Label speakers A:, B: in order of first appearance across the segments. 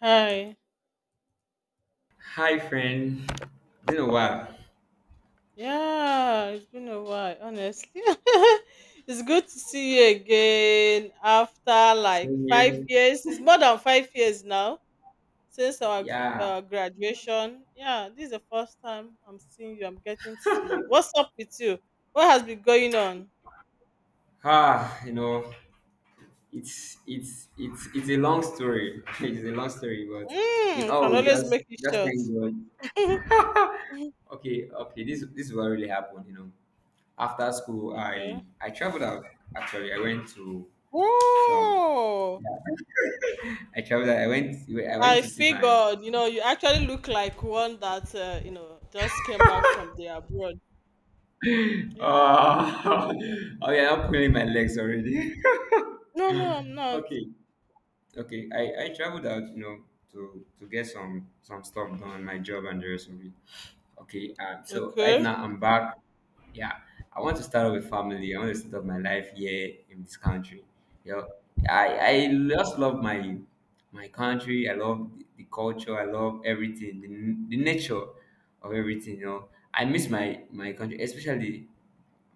A: Hi.
B: Hi, friend. Been a while.
A: Yeah, it's been a while, honestly. It's good to see you again after like
B: Same
A: five
B: here.
A: years. It's more than 5 years now since our
B: Yeah.
A: graduation. Yeah, this is the first time I'm seeing you. I'm getting to see you. What's up with you? What has been going on?
B: Ah, you know, it's a long story. It's a long story, but in
A: Mm,
B: all,
A: can
B: we
A: always
B: just
A: make it
B: just
A: short.
B: thank God. Okay, okay. This is what really happened. You know, after school, I
A: Okay.
B: I traveled out. Actually, I went to some.
A: Oh,
B: Yeah, I traveled out. I went
A: I
B: to see my.
A: figured, you actually look like one that, just came back from the abroad. Yeah.
B: Oh, oh yeah, I'm pulling my legs already.
A: No, no, I'm not.
B: Okay. Okay, I traveled out, you know, to get some stuff done, my job and the rest of it. Okay, so right
A: Okay.
B: now I'm back. Yeah, I want to start up with family. I want to start up my life here in this country. You know, I just love my country. I love the culture. I love everything, the nature of everything. You know, I miss my country, especially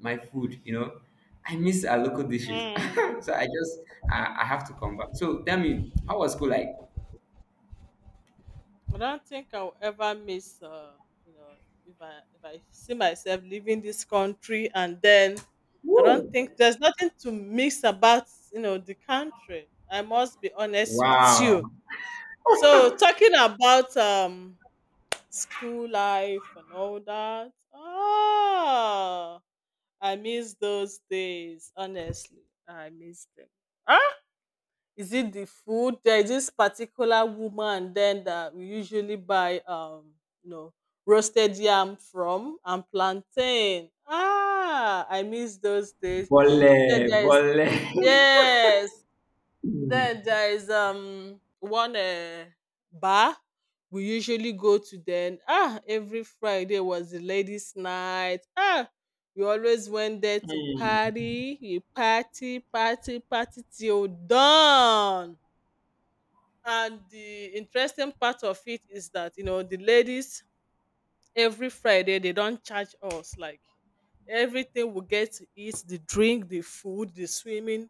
B: my food. I miss our local dishes.
A: Hmm.
B: So I have to come back. So tell me, how was school like?
A: I don't think I'll ever miss. You know, if I see myself leaving this country and then I
B: Woo!
A: don't think there's nothing to miss about the country. I must be honest with you.
B: Wow.
A: So talking about school life and all that. Ah, I miss those days. Honestly, I miss them. Ah! Is it the food? There is this particular woman then that we usually buy you know roasted yam from and plantain. Ah, I miss those days. Then
B: Bole,
A: there is
B: bole.
A: yes. Then there is one bar we usually go to then. Ah, every Friday was the ladies' night. Ah, we always went there to
B: Hmm,
A: party, we party, party, party till dawn. And the interesting part of it is that the ladies every Friday they don't charge us like everything we get to eat, the drink, the food, the swimming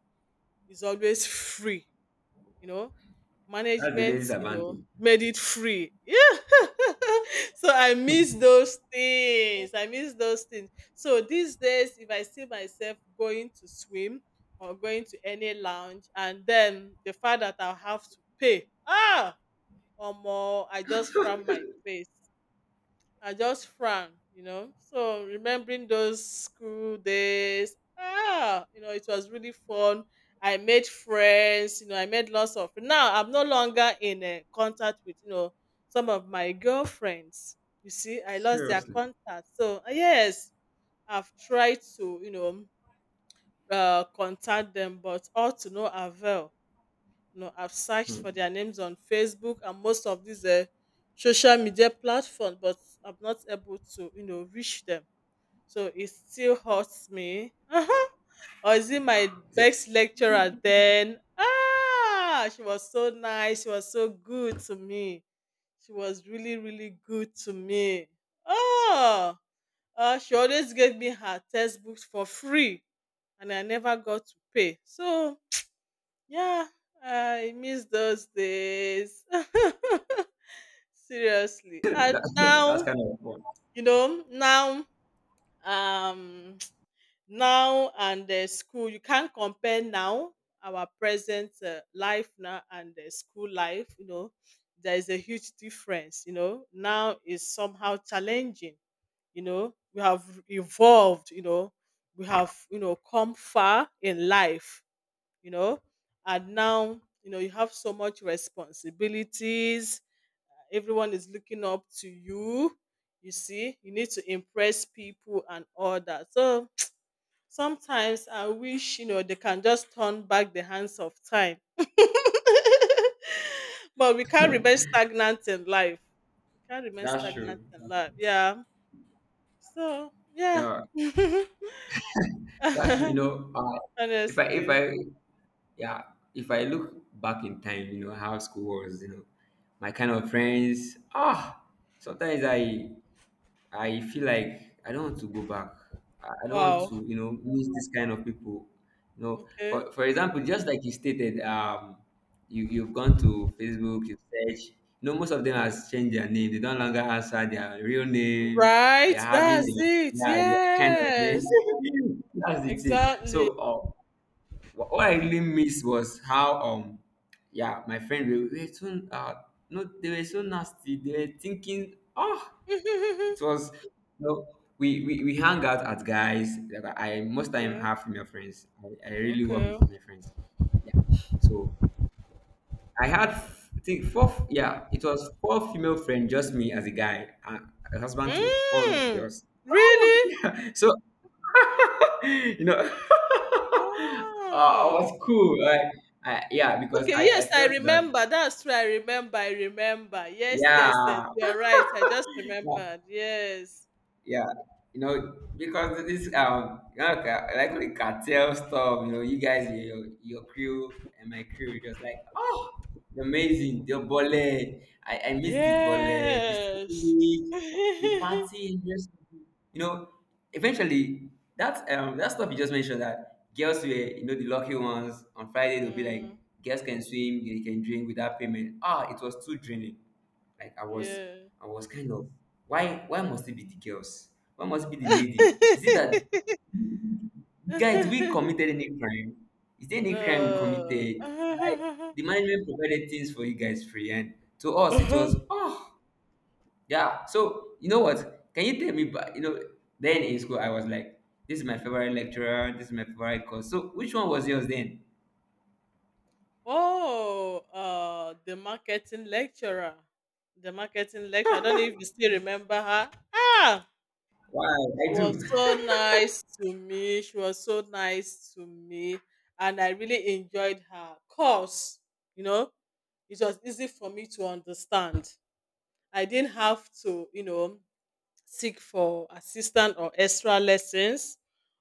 A: is always free, you know.
B: That's the ladies'
A: Management, you
B: advantage.
A: know, made it free. Yeah. So I miss those things. I miss those things. So these days, if I see myself going to swim or going to any lounge, and then the fact that I'll have to pay. Ah, or more, I just frown my face. I just frown. So remembering those school days, it was really fun. I made friends, I made lots of now I'm no longer in contact with some of my girlfriends. You see, I lost their
B: Seriously.
A: contact. So yes, I've tried to contact them, but all to no avail. I've searched
B: Hmm.
A: for their names on Facebook and most of these social media platforms, but I'm not able to reach them. So it still hurts me. Or is it my
B: Yeah,
A: best lecturer then? Ah, she was so nice. She was so good to me. She was really, really good to me. Oh, she always gave me her textbooks for free, and I never got to pay. So yeah, I miss those days. Seriously. And
B: that's
A: now,
B: kind of fun.
A: you know, now, um, now and the school, you can't compare now our present life now and the school life, there is a huge difference. Now is somehow challenging. We have evolved. We have come far in life you know and now you have so much responsibilities. Everyone is looking up to you. You see, you need to impress people and all that. So sometimes I wish they can just turn back the hands of time. But we can't remain stagnant in life. We can't remain
B: That's
A: stagnant
B: true.
A: in life. Yeah. So yeah.
B: Yeah, that's true. You know, if I if
A: Honestly.
B: I yeah if I look back in time, you know how school was. You know, my kind of
A: Okay.
B: friends. Ah, sometimes I feel like I don't want to go back. I don't want
A: Wow.
B: to, you know, meet this kind of people. You know,
A: Okay.
B: for example, just like you stated, you've gone to Facebook, you search. You know, most of them
A: Mm-hmm.
B: has changed their name. They don't longer answer their real name.
A: Right?
B: They're having
A: That's
B: their,
A: it.
B: yeah, yeah, kind of name.
A: Yes.
B: That's the thing. So,
A: Exactly.
B: what I really missed was how, yeah, my friend we were so, no, they were so nasty. They were thinking, oh. It was, you know, we hang out at guys. Like I most time
A: Yeah.
B: have female friends. I really work
A: Okay.
B: with female friends. Yeah. So I had I think four. Yeah, it was four female friends, just me as a guy, a husband to four
A: Mm,
B: girls. Oh,
A: really?
B: yeah. So you know, I
A: Wow.
B: was cool. Like, I, yeah, because
A: Okay.
B: I
A: Yes, I
B: felt that
A: remember. That's true. I remember. I remember. Yes, yes, yes.
B: yeah.
A: You're right. I just remembered. Yes.
B: Yeah, you know, because this, like the cartel stuff, you know, you guys, your crew and my crew just like, oh, amazing, the bole. I miss the bole, the
A: Yes.
B: sandwich, the party, just, you know, eventually that, that stuff you just mentioned, that girls were, you know, the lucky ones on Friday. They'll be
A: Mm,
B: like, girls can swim, they can drink without payment. Ah, it was too draining. Like, I was,
A: yeah.
B: I was kind of, why must it be the girls? Why must it be the lady? Is it that guys, we committed any crime? Is there any crime we
A: No.
B: committed? Like, the management provided things for you guys free, and to us it was, oh yeah. So you know what? Can you tell me? But you know, then in school I was like, this is my favorite lecturer. This is my favorite course. So which one was yours then?
A: Oh, the marketing lecturer. The marketing lecturer. I don't know if you still remember her. Ah,
B: Why I
A: she was
B: do?
A: so nice to me. She was so nice to me. And I really enjoyed her course. You know, it was easy for me to understand. I didn't have to seek for assistance or extra lessons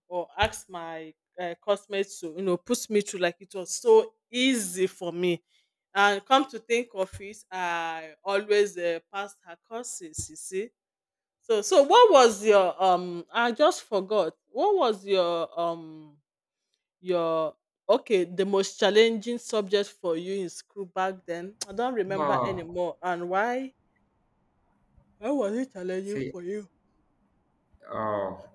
A: or ask my classmates to put me through. Like it was so easy for me and come to think of it I always passed her courses, you see. So what was your, I just forgot, what was your, your, okay the most challenging subject for you in school back then. I don't remember
B: Oh,
A: anymore. And why was it challenging
B: see,
A: for you?
B: oh.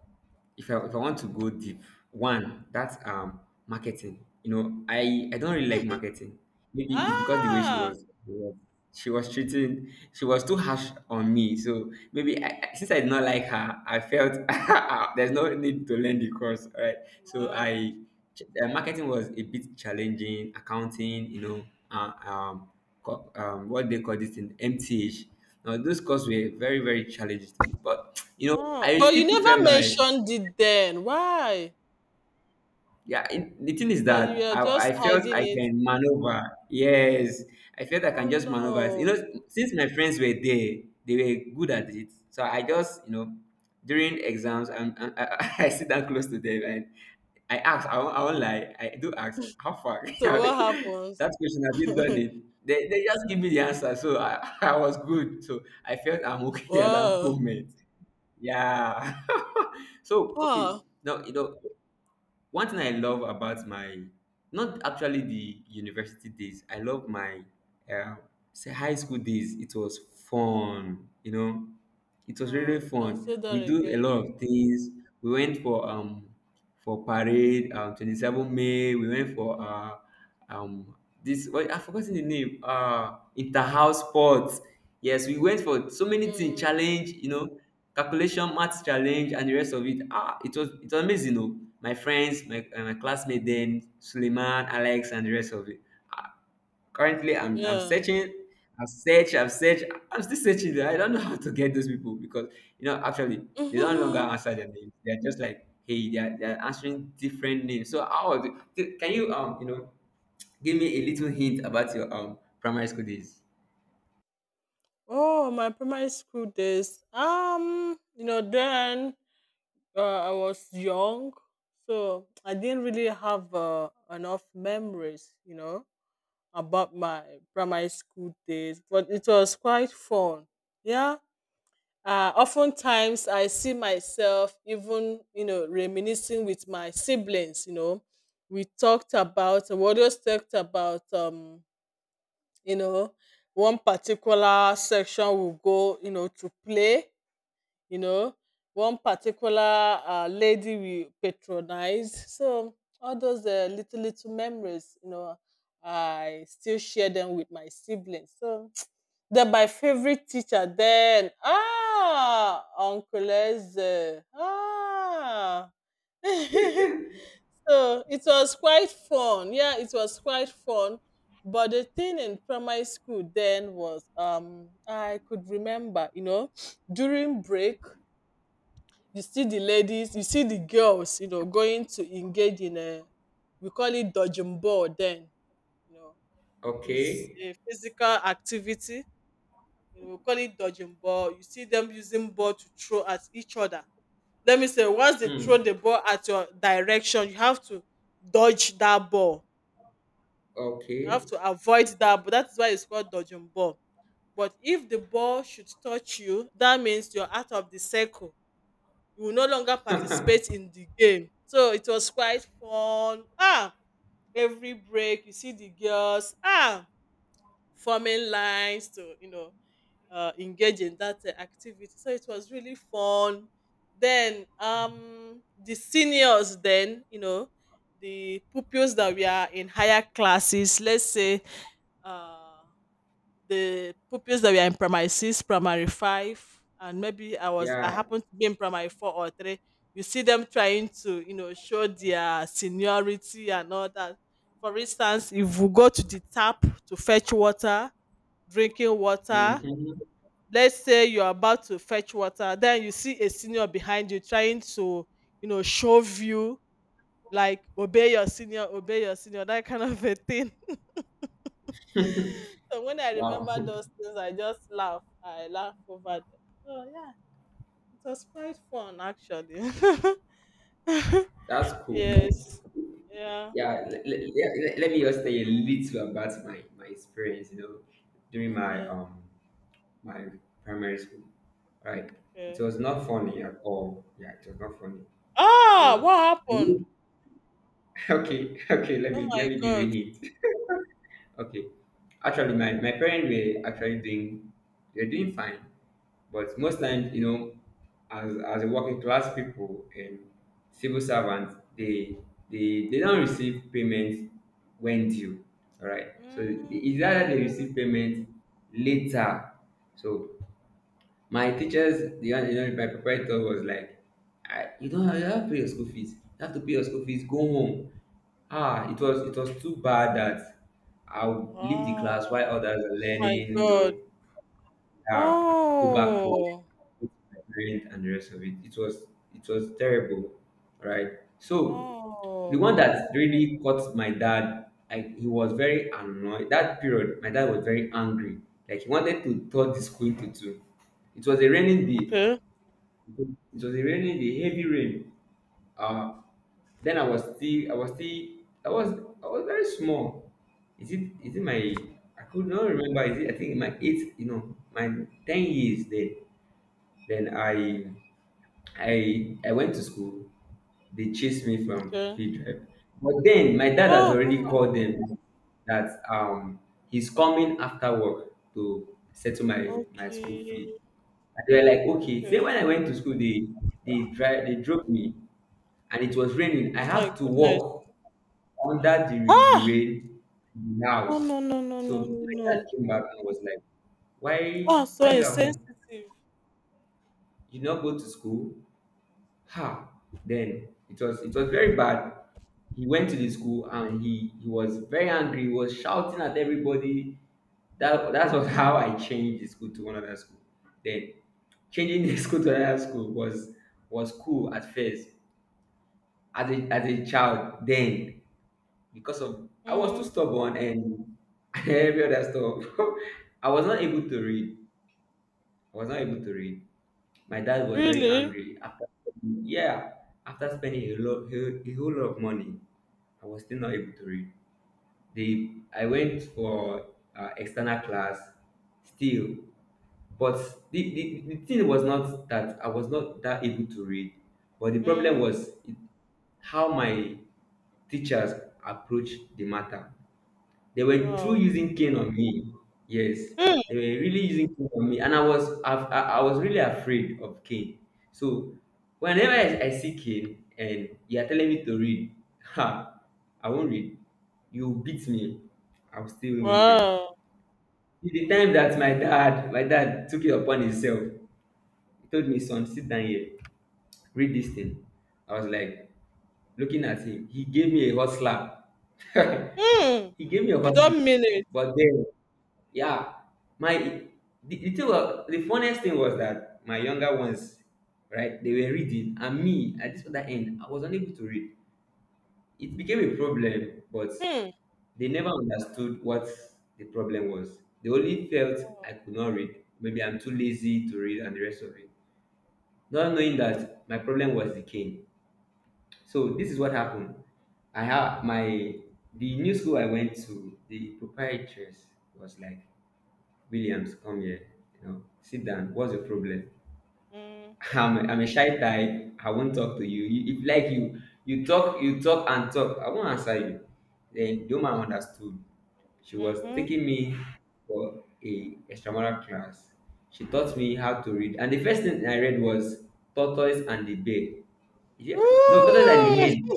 B: If I want to go deep, one that's, marketing. You know, I don't really like marketing. Maybe it's because the way she
A: Ah.
B: was she was treating she was too harsh on me. So maybe,
A: Mm.
B: since I did not like her, I felt there's no need to learn the course. All right, so
A: Wow.
B: I marketing was a bit challenging. Accounting, you know, uh, um, what they call this in MTH. Now those courses were very very challenging to me, but you know
A: Wow.
B: I
A: But you
B: still prefer
A: never
B: my,
A: mentioned it then. Why?
B: yeah, it, the thing is
A: So you
B: that
A: are
B: I
A: just
B: felt
A: hiding
B: I
A: it.
B: can maneuver. Yes, I felt I can
A: Oh
B: just maneuver. You know,
A: no.
B: since my friends were there, they were good at it. So I just, you know, during exams, I sit down close to them and I ask, I won't lie, I do ask, how far?
A: So
B: That
A: what happens?
B: question, have you done it? They just give me the answer. So I, I was good. So I felt I'm okay at that
A: Wow.
B: moment. Yeah. So, okay.
A: Ah.
B: Now, you know, one thing I love about my, not actually the university days, I love my, uh, say, high school days. It was fun, you know, it was really
A: Oh, you can
B: fun.
A: say that
B: We do a
A: again.
B: lot of things. We went for, parade, 27 May. We went for, um this, well, I forgotten the name, interhouse sports. Yes, we went for so many things,
A: Hmm.
B: challenge, you know, calculation math challenge and the rest of it. Ah, it was amazing, o. My friends, my classmate then, Suleiman, Alex, and the rest of it. Ah, currently I'm
A: Yeah.
B: searching. I've searched, I've searched, I'm still searching. I don't know how to get those people because, you know, actually they don't longer
A: Hmm.
B: answer their names. They're just like, hey, they're answering different names. So how was it? Can you, you know give me a little hint about your, primary school days?
A: Oh, my primary school days. Then uh, I was young, so I didn't really have enough memories about my primary school days, but it was quite fun. Yeah. Oftentimes, I see myself even reminiscing with my siblings. We always talked about, you know, one particular section will go to play you know one particular lady we patronized. So all those little little memories. I still share them with my siblings. So then my favorite teacher then, ah, uncle Eze. Ah, so it was quite fun. Yeah, it was quite fun. But the thing in primary school then was I could remember during break, you see the ladies, you see the girls going to engage in a, we call it dodging ball then. you know is
B: Okay.
A: a physical activity, we call it dodging ball. You see them using ball to throw at each other. Let me say once they
B: Hmm.
A: throw the ball at your direction, you have to dodge that ball. You
B: Okay.
A: have to avoid that, but that is why it's called dodging ball. But if the ball should touch you that means you're out of the circle. You will no longer participate in the game. So it was quite fun. Ah, every break you see the girls forming lines to engage in that activity. So it was really fun. Then the seniors then, the pupils that we are in higher classes, let's say uh the pupils that were in primary six, primary five, and maybe I
B: Yeah.
A: happened to be in primary four or three. You see them trying to, show their seniority and all that. For instance, if you go to the tap to fetch water, drinking water,
B: Mm-hmm.
A: let's say you're about to fetch water, then you see a senior behind you trying to, shove you like obey your senior, that kind of a thing. So when I
B: Wow.
A: remember those things, I just laugh. I laugh over them. So yeah, it was quite fun actually.
B: That's cool.
A: Yes.
B: No?
A: Yeah.
B: Yeah. Let me just tell you a little about my experience, you know, during my
A: Okay.
B: um my primary school. Right. It
A: Okay.
B: was not funny at all. Yeah, it was not funny. You
A: Ah,
B: know.
A: what
B: the
A: happened?
B: way- Okay, okay, let
A: Oh
B: me let
A: my
B: me give you a
A: god.
B: hint. Okay. Actually, my parents were actually doing, they're doing fine. But most times, you know, as a working class people and civil servants, they don't receive payments when due. All right. So it's either
A: Okay.
B: they receive payment later. So my teachers, you know, my proprietor was like, you don't have, you have to pay your school fees. You have to pay your school fees. Go home. Ah, it was too bad that I'll leave the
A: Wow.
B: class while
A: Oh
B: others are
A: my
B: learning. You
A: god.
B: know, uh, go back home,
A: Oh.
B: go to my parents and the rest of it. It was terrible, right? So the
A: Wow.
B: one that really caught my dad, he was very annoyed. That period, my dad was very angry. Like, he wanted to tore the school into two. It was a raining day.
A: Okay.
B: It was a raining day, heavy rain. Uh, then I was still, I was still, I was, I was very small. Is it my? I could not remember. Is it? I think my eight, you know, my 10 years there. Then I went to school. They chased me from
A: Okay.
B: field trip. But then my dad has
A: Oh, oh
B: already
A: my.
B: called them that, he's coming after work to settle my school
A: Okay.
B: fee. And they were like, okay. Say
A: Okay.
B: when I went to school, they drove me, and it was raining. I
A: Oh my
B: had to
A: goodness.
B: walk under the
A: Ah!
B: rain in the
A: No,
B: house.
A: no, no, no,
B: So
A: no, no,
B: my dad
A: no.
B: came back and was like, why
A: Oh,
B: why
A: so
B: are you at home?
A: insensitive.
B: You not go to school? Ha! Then it was very bad. He went to the school and he was very angry. He was shouting at everybody. That was how I changed the school to another school. Then changing the school to another school was cool at first, as a child. Then because of I was too
A: Mm.
B: stubborn and every other stuff, I was not able to read. I was not able to read. My dad was very
A: Really?
B: angry after, yeah, after spending a, lot, a whole lot of money, I was still not able to read. The I went for, external class still, but the thing was not that I was not that able to read, but the problem
A: Mm.
B: was, how my teachers approached the matter. They were through
A: Wow.
B: using cane on me. Yes,
A: Hmm.
B: they were really using cane on me, and I was really afraid of cane. So whenever I see cane and you are telling me to read, ha, I won't read. You beat me, I will still won't read.
A: Wow.
B: Till the time that my dad took it upon himself, he told me, son, sit down here, read this thing. I was like looking at him. He gave me a hot slap.
A: Hmm.
B: He gave me a
A: You
B: hot slap,
A: don't mean it.
B: but then yeah, my the thing was, the funniest thing was that my younger ones, right, they were reading, and me at this other end, I was unable to read. It became a problem, but
A: Hmm.
B: they never understood what the problem was. They only felt I could not read, maybe I'm too lazy to read and the rest of it, not knowing that my problem was the cane. So this is what happened. I have my The new school I went to, the proprietress was like, "Williams, come here. Sit down. What's your problem?"
A: Mm.
B: I'm a shy type. I won't talk to you. If like you talk and talk, I won't answer you. Then the woman understood. She was
A: Mm-hmm.
B: taking me for a extramural class. She taught me how to read, and the first thing I read was Tortoise and the Bear. Yeah, no, Tortoise and the
A: Ooh.
B: Hen.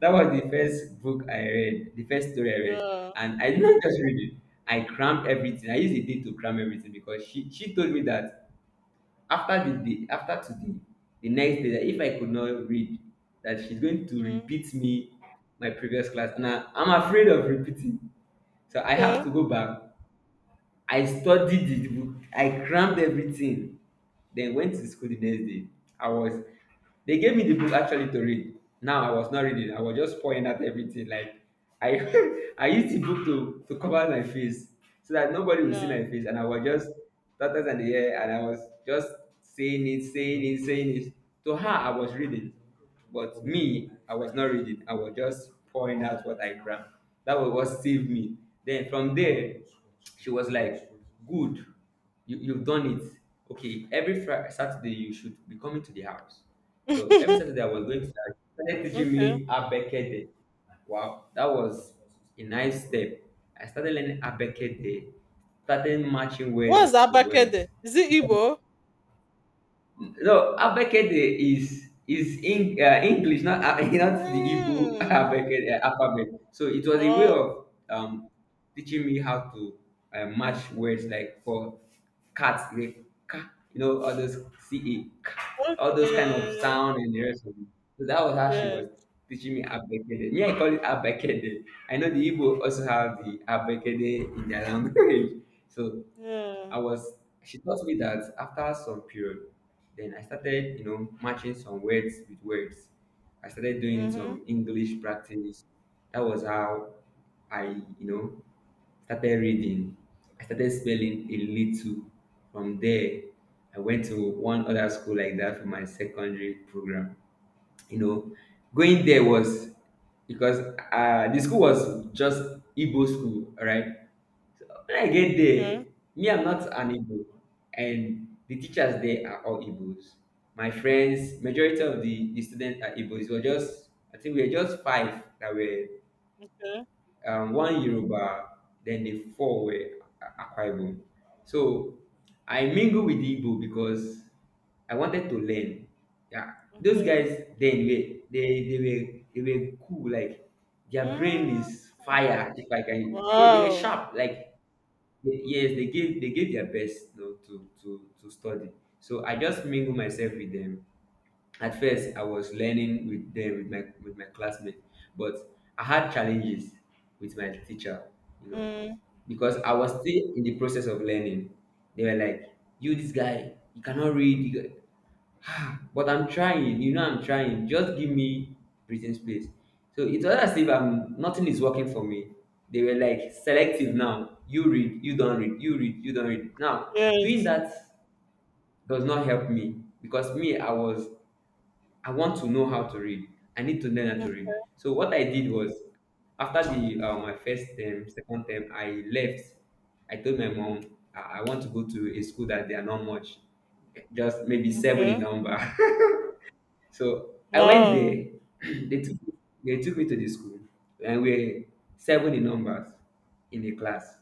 B: That was the first book I read, the first story I read.
A: Yeah.
B: And I did not just read it, I crammed everything. I used a day to cram everything because she told me that after today, the next day, that if I could not read, that she's going to
A: Mm.
B: repeat me my previous class. And I'm afraid of repeating. So I have
A: Okay.
B: to go back. I study the book, I crammed everything, then went to school the next day. I was They gave me the book actually to read. Now I was not reading, I was just pouring out everything. Like I I used the book to cover my face so that nobody would see
A: Yeah.
B: my face, and I was just doctors and the air, and I was just saying it, saying it to her. I was reading. But me, I was not reading, I was just pouring out what I drank. That was what saved me. Then from there, she was like, "Good, you've done it. Okay, every Friday, Saturday you should be coming to the house." So every Saturday I was going to the house. She started teaching
A: Okay.
B: me abekede. Wow, that was a nice step. I started learning abekede, started matching
A: What's
B: words to words.
A: Abakede? Is it Igbo?
B: No, Abekede is in English, not not the Igbo
A: Mm.
B: Abekede alphabet. So it was a way
A: Oh,
B: of teaching me how to match words, like for cat, like ka, you know, all those C E, ka, all those kind of
A: okay.
B: sound and the rest of it. So that was how she
A: Yeah.
B: was teaching me Abekede. Me, I call it Abekede. I know the Igbo also have the Abekede in their language. So.
A: Yeah.
B: I was She taught me that after some period, then I started, you know, matching some words with words. I started doing some
A: Mm-hmm.
B: English practice. That was how I, you know, started reading. I started spelling a little. From there, I went to one other school like that for my secondary program. You know, going there was because the school was just Igbo school, all right? When I get there,
A: Okay.
B: me, I'm not an Igbo, and the teachers there are all Igbos. My friends, majority of the students are Igbos. We're just, I think we were just five that were
A: Okay.
B: one Yoruba, then the four were Akwa Ibom. So I mingle with the Igbo because I wanted to learn. Yeah, those
A: Okay.
B: guys, then they were cool. Like their brain
A: Mm.
B: is fire. If I can, yeah, they were
A: Wow.
B: sharp. Like yes, they gave their best, you know, to study. So I just mingle myself with them. At first I was learning with them, with my classmates, but I had challenges with my teacher, you know,
A: Mm.
B: because I was still in the process of learning. They were like, you this guy, you cannot read. But I'm trying, you know, I'm trying. Just give me breathing space. So it was as if I'm nothing is working for me. They were like selective now. You read, you don't read, you don't read. Now, doing
A: Yes.
B: that does not help me because me, I was I want to know how to read. I need to learn how to read. So what I did was after the my first term, second term, I left. I told my mom I want to go to a school that they are not much, just maybe seven in
A: Okay.
B: number. So I went
A: Wow.
B: there. They took they took me to the school, and we're seven in numbers in the class.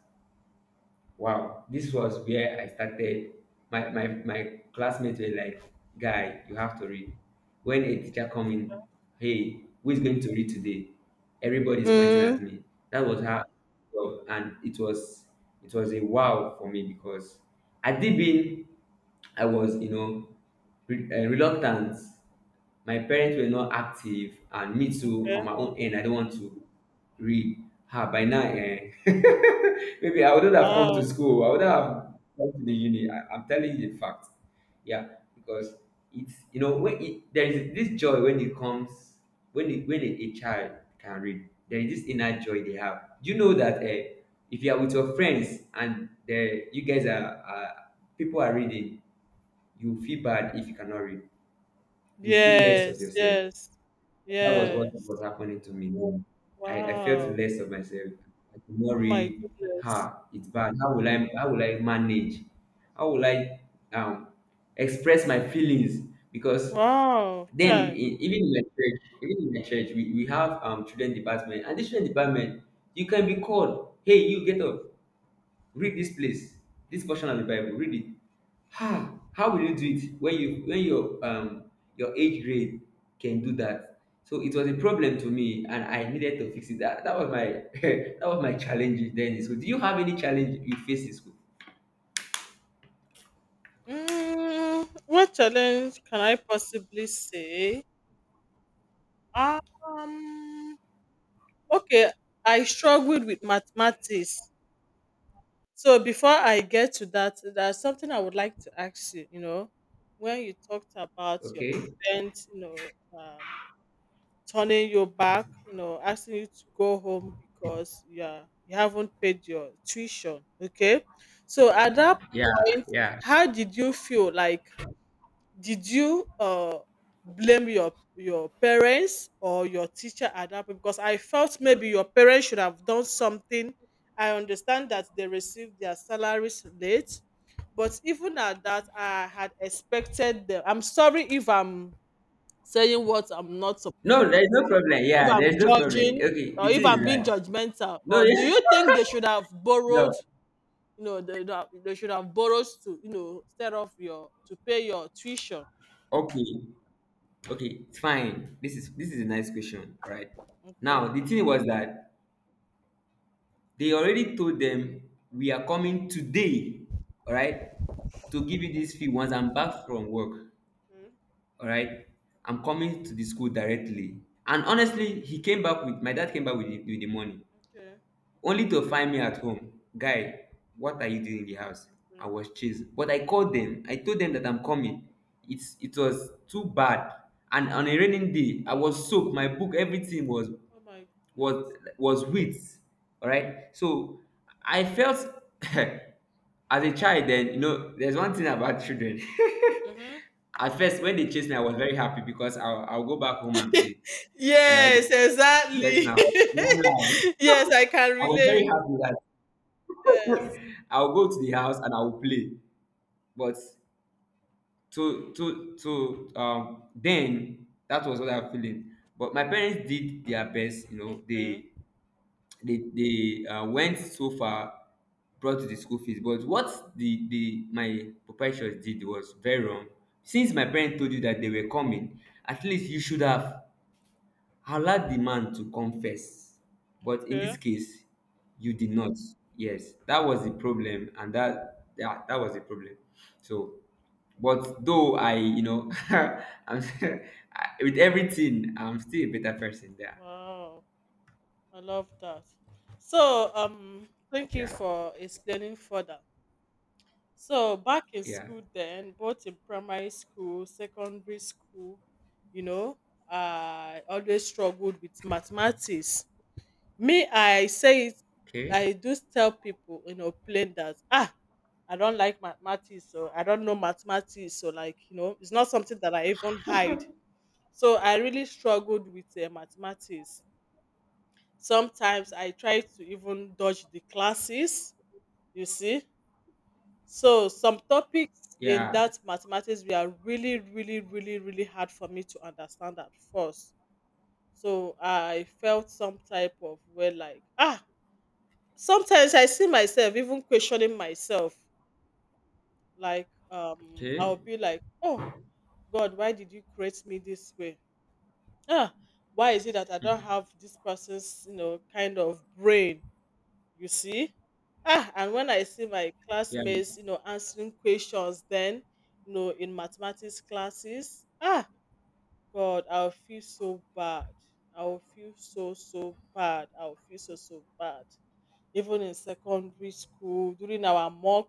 B: Wow, this was where I started. My classmates were like, "Guy, you have to read." When a teacher come in, hey, who is going to read today? Everybody's pointing
A: Mm.
B: at me. That was how, well, and it was a wow for me because I did been I was, you know, reluctant. My parents were not active, and me too, on my own end, I don't want to read. Ah, by now, eh, maybe I wouldn't have come
A: Wow.
B: to school, I wouldn't have come to the uni. I'm telling you the fact, yeah, because it's, you know, when it there is this joy when it comes, when a child can read, there is this inner joy they have. Do you know that eh, if you are with your friends and the you guys are people are reading, you feel bad if you cannot read. You feel less of
A: Yes.
B: yourself.
A: Yes.
B: That was what was
A: Yes.
B: happening to me. No, I felt
A: Wow.
B: less of myself. I could not
A: Oh my
B: read.
A: goodness.
B: Ha, it's bad. How will I, how will I manage? How will I um express my feelings? Because
A: Wow.
B: then in,
A: Chai.
B: even in my church, even in my church, we have children department, and this children department, you can be called, hey, you get up, read this place, this portion of the bible, read it. Ah, how will you do it when your age grade can do that? So it was a problem to me, and I needed to fix it. That was my that was my challenge then. So do you have any challenge you face in school?
A: What challenge can I possibly say? Um. Okay. I struggled with mathematics. So before I get to that, there's something I would like to ask you. When you talked about your
B: Okay,
A: students, you know, um, turning your back, asking you to go home because you haven't paid your tuition. Okay. So at that
B: yeah,
A: point,
B: yeah.
A: how did you feel? Like, did you blame your parents or your teacher at that point? Because I felt maybe your parents should have done something. I understand that they received their salaries late, but even at that, I had expected them. I'm sorry if I'm saying what I'm not supposed,
B: No, there's no problem,
A: if
B: yeah, there's
A: I'm
B: no problem.
A: judging
B: Okay, the
A: or if
B: thing is
A: I'm being
B: that
A: judgmental,
B: no,
A: or do
B: yes,
A: you think they should have
B: no,
A: borrowed? They should have borrowed to instead of your to pay your tuition.
B: okay. Okay, it's fine. This is a nice question, all right. Now
A: Okay.
B: the thing was that they already told them we are coming today, all right, to give you this fee once I'm back from work,
A: Okay.
B: all right. I'm coming to the school directly. And honestly, he came back with my dad came back with with the money,
A: Okay.
B: only to find me at home. Guy, what are you doing in the house? I
A: Okay.
B: was chased, but I called them, I told them that I'm coming. It was too bad, and on a raining day, I
A: Wow.
B: was soaked. My book, everything
A: Oh my goodness.
B: was with, all right. So I felt, as a child then, you know, there's one thing about children,
A: Mm-hmm.
B: at first, when they chased me, I was very happy because I'll go back home and play, all right.
A: Yes,
B: Yes,
A: exactly.
B: now, wow.
A: Yes, I can
B: I was very
A: relate.
B: happy
A: Yes.
B: that I'll go to the house and I'll play, but to then that was what I'm feeling. But my parents did their best, you know,
A: Okay.
B: they went so far, brought to the school fees. But what the my proprietors did was very wrong. Since my parents told you that they were coming, at least you should have allowed the man to come first. But in this
A: Okay.
B: case, you did not. Yes, that was the problem, and that, yeah, that was the problem. So but though I, you know, I'm I- with everything, I'm still a better person there.
A: Wow. I love that. So, thank you
B: Yeah,
A: for explaining further. So back in
B: yeah,
A: school then, both in primary school, secondary school, you know, I always struggled with mathematics. Me, I say it,
B: okay,
A: I do tell people, plain that I don't like mathematics, so I don't know mathematics, so like, it's not something that I even hide. So I really struggled with mathematics. Sometimes I try to even dodge the classes, you see. So some topics in
B: yeah.
A: that mathematics were really, really, really, really hard for me to understand at first. So I felt some type of way like sometimes I see myself even questioning myself. Like I'll
B: Okay.
A: be like, oh God, why did you create me this way? Ah, why is it that I don't have this person's, kind of brain? you see and when I see my
B: Yeah.
A: classmates answering questions, then in mathematics classes, God, I'll feel so bad. I'll feel so so bad. I'll feel so so bad. Even in secondary school during our mock,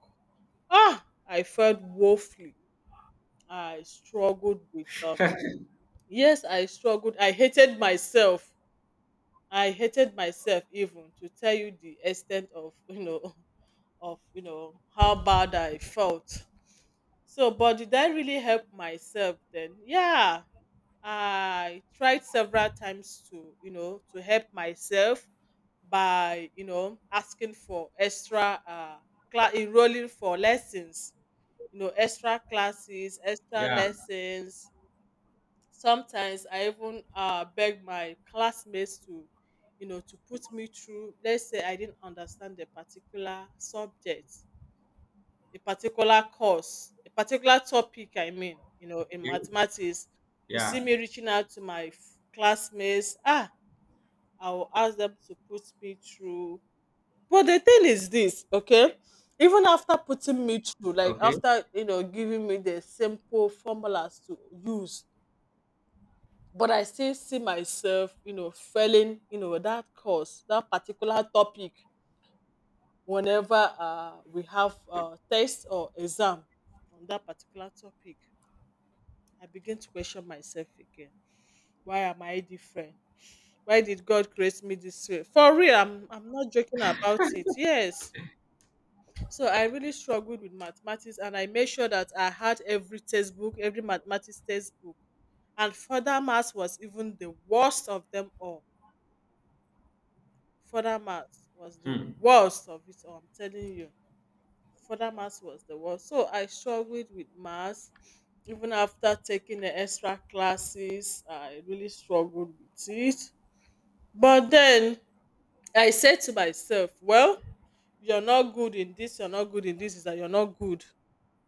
A: I felt woefully. I struggled with yes, I struggled. I hated myself. I hated myself, even to tell you the extent of of how bad I felt. So, but did I really help myself then? Yeah, I tried several times to to help myself by asking for extra class, enrolling for lessons, extra classes, extra
B: Yeah.
A: lessons. Sometimes I even beg my classmates to to put me through. Let's say I didn't understand the particular subject, a particular course, a particular topic, I mean, in
B: Okay.
A: mathematics, you
B: Yeah.
A: see me reaching out to my classmates. Ah, I'll ask them to put me through. But the thing is this, okay? Even after putting me through, like
B: Okay.
A: after, giving me the simple formulas to use, but I still see myself, failing, that course, that particular topic whenever we have test or exam on that particular topic. I began to question myself again. Why am I different? Why did God create me this way? For real, I'm not joking about it. Yes. So I really struggled with mathematics, and I made sure that I had every textbook, every mathematics textbook. And further maths was even the worst of them all. Further maths was the
B: Hmm.
A: worst of it all, I'm telling you. Further maths was the worst. So I struggled with maths even after taking the extra classes. I really struggled with it. But then I said to myself, well, you're not good in this, you're not good in this, is that you're not good,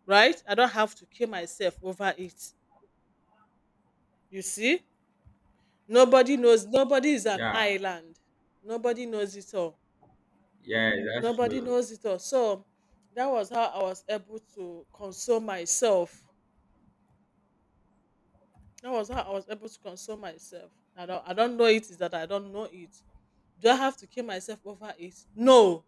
A: right? I don't have to kill myself over it. You see? Nobody knows, nobody is an
B: Yeah.
A: island. Nobody knows it all.
B: Yeah, that's
A: Nobody
B: true.
A: knows it all. So that was how I was able to console myself. That was how I was able to console myself. I don't know, it is that I don't know it. Do I have to kill myself over it? No.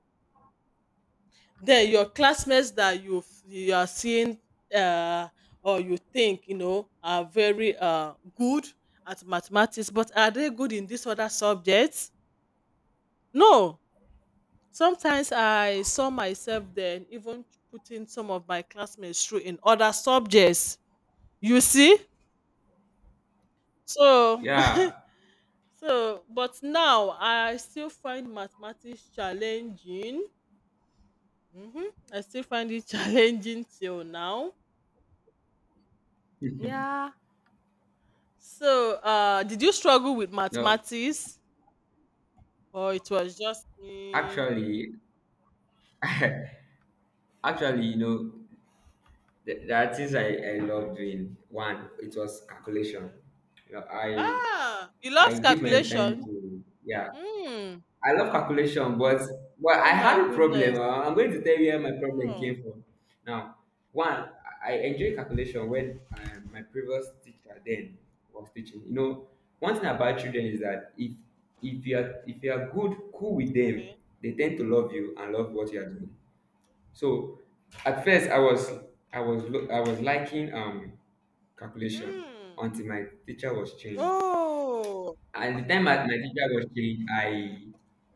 A: Then your classmates that you you are seeing uh or you think you know are very good at mathematics, but are they good in this other subject? No. Sometimes I saw myself then even putting some of my classmates through in other subjects. You see? So
B: Yeah.
A: So but now I still find mathematics challenging. Mhm. I still find it challenging till now. Yeah. So, did you struggle with
B: No,
A: mathematics or it was just me?
B: actually, actually, you know, there are things I love doing. One, it was calculation.
A: Yeah.
B: You know,
A: Ah, you
B: I
A: loved
B: give my time
A: calculation.
B: to, yeah,
A: Hmm.
B: I love calculation. But well, I
A: Oh my
B: had a problem.
A: goodness.
B: I'm going to tell you where my problem
A: Oh,
B: came from. Now, one, I enjoy calculation when my previous teacher then was teaching. You know, one thing about children is that if you are, good, cool with them,
A: okay.
B: they tend to love you and love what you are doing. So at first, I was liking calculation
A: Hmm.
B: until my teacher was changed.
A: Oh,
B: And the time that my teacher was changed,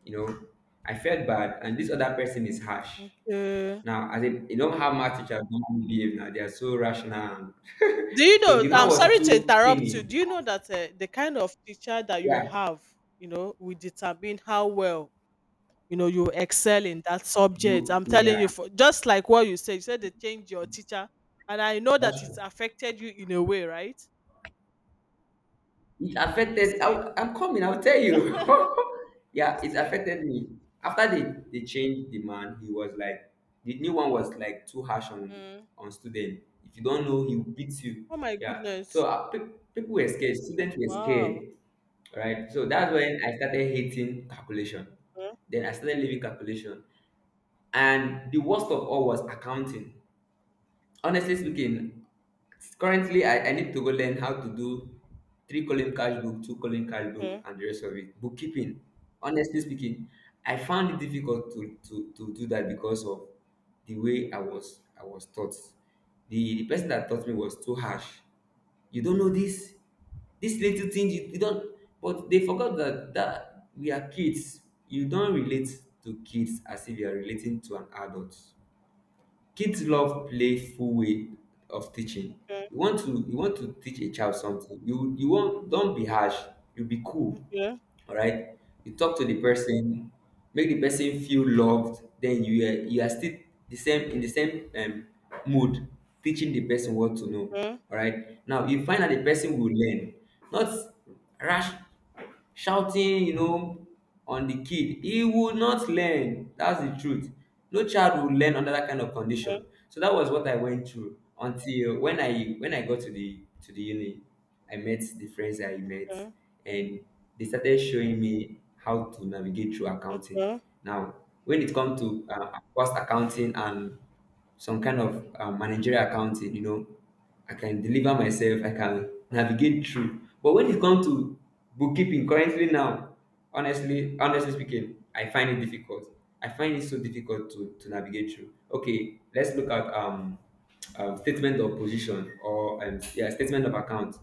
B: you know, I felt bad, and this other person is harsh.
A: okay.
B: Now, as in, you know how math teachers normally behave now, they are so rational. And
A: Do you
B: so the
A: know?
B: man
A: I'm
B: was
A: sorry to
B: too
A: interrupt you. Do
B: cunning.
A: you know that the kind of teacher that you
B: Yeah,
A: have, you know, will determine how well you know you excel in that subject. I'm telling
B: yeah,
A: you, for just like what you said they changed your teacher, and I know
B: that's
A: that it's
B: true.
A: affected you in a way, right?
B: It
A: You
B: affected.
A: see,
B: I'm coming, I'll tell you.
A: you
B: Yeah, it
A: see.
B: affected me. After they changed the man, he was like the new one was like too harsh
A: Mm.
B: on student. If you don't know, he will beat you.
A: Oh my
B: Yeah. So
A: goodness!
B: people were scared. Students were
A: Wow.
B: scared. Right. So that's when I started hating calculation. Then I started leaving calculation, and the worst of all was accounting. Honestly speaking, currently I need to go learn how to do three column cash book, two column cash book,
A: Okay.
B: and the rest of it. Bookkeeping. Honestly speaking, I found it difficult to do that because of the way I was taught. The person that taught me was too harsh. You don't know this, this little thing you don't but they forgot that we are kids. You don't relate to kids as if you are relating to an adult. Kids love playful way of teaching.
A: Okay.
B: You want to teach a child something. You won't Don't be harsh. You be cool.
A: Okay.
B: All right. You talk to the person, make the person feel loved. Then you are still the same in the same mood, teaching the person what to know.
A: Okay.
B: All right. Now you find that the person will learn, not rash shouting. You know, on the kid he would not learn, that's the truth. No child will learn under that kind of
A: Okay.
B: condition. So that was what I went through until when I got to the uni. I met,
A: Okay.
B: and they started showing me how to navigate through accounting.
A: Okay.
B: Now when it comes to cost accounting and some kind of managerial accounting, you know, I can deliver myself, I can navigate through. But when it comes to bookkeeping currently now, honestly speaking, I find it difficult. I find it so difficult to navigate through. Okay, let's look at statement of position or yeah, statement of account.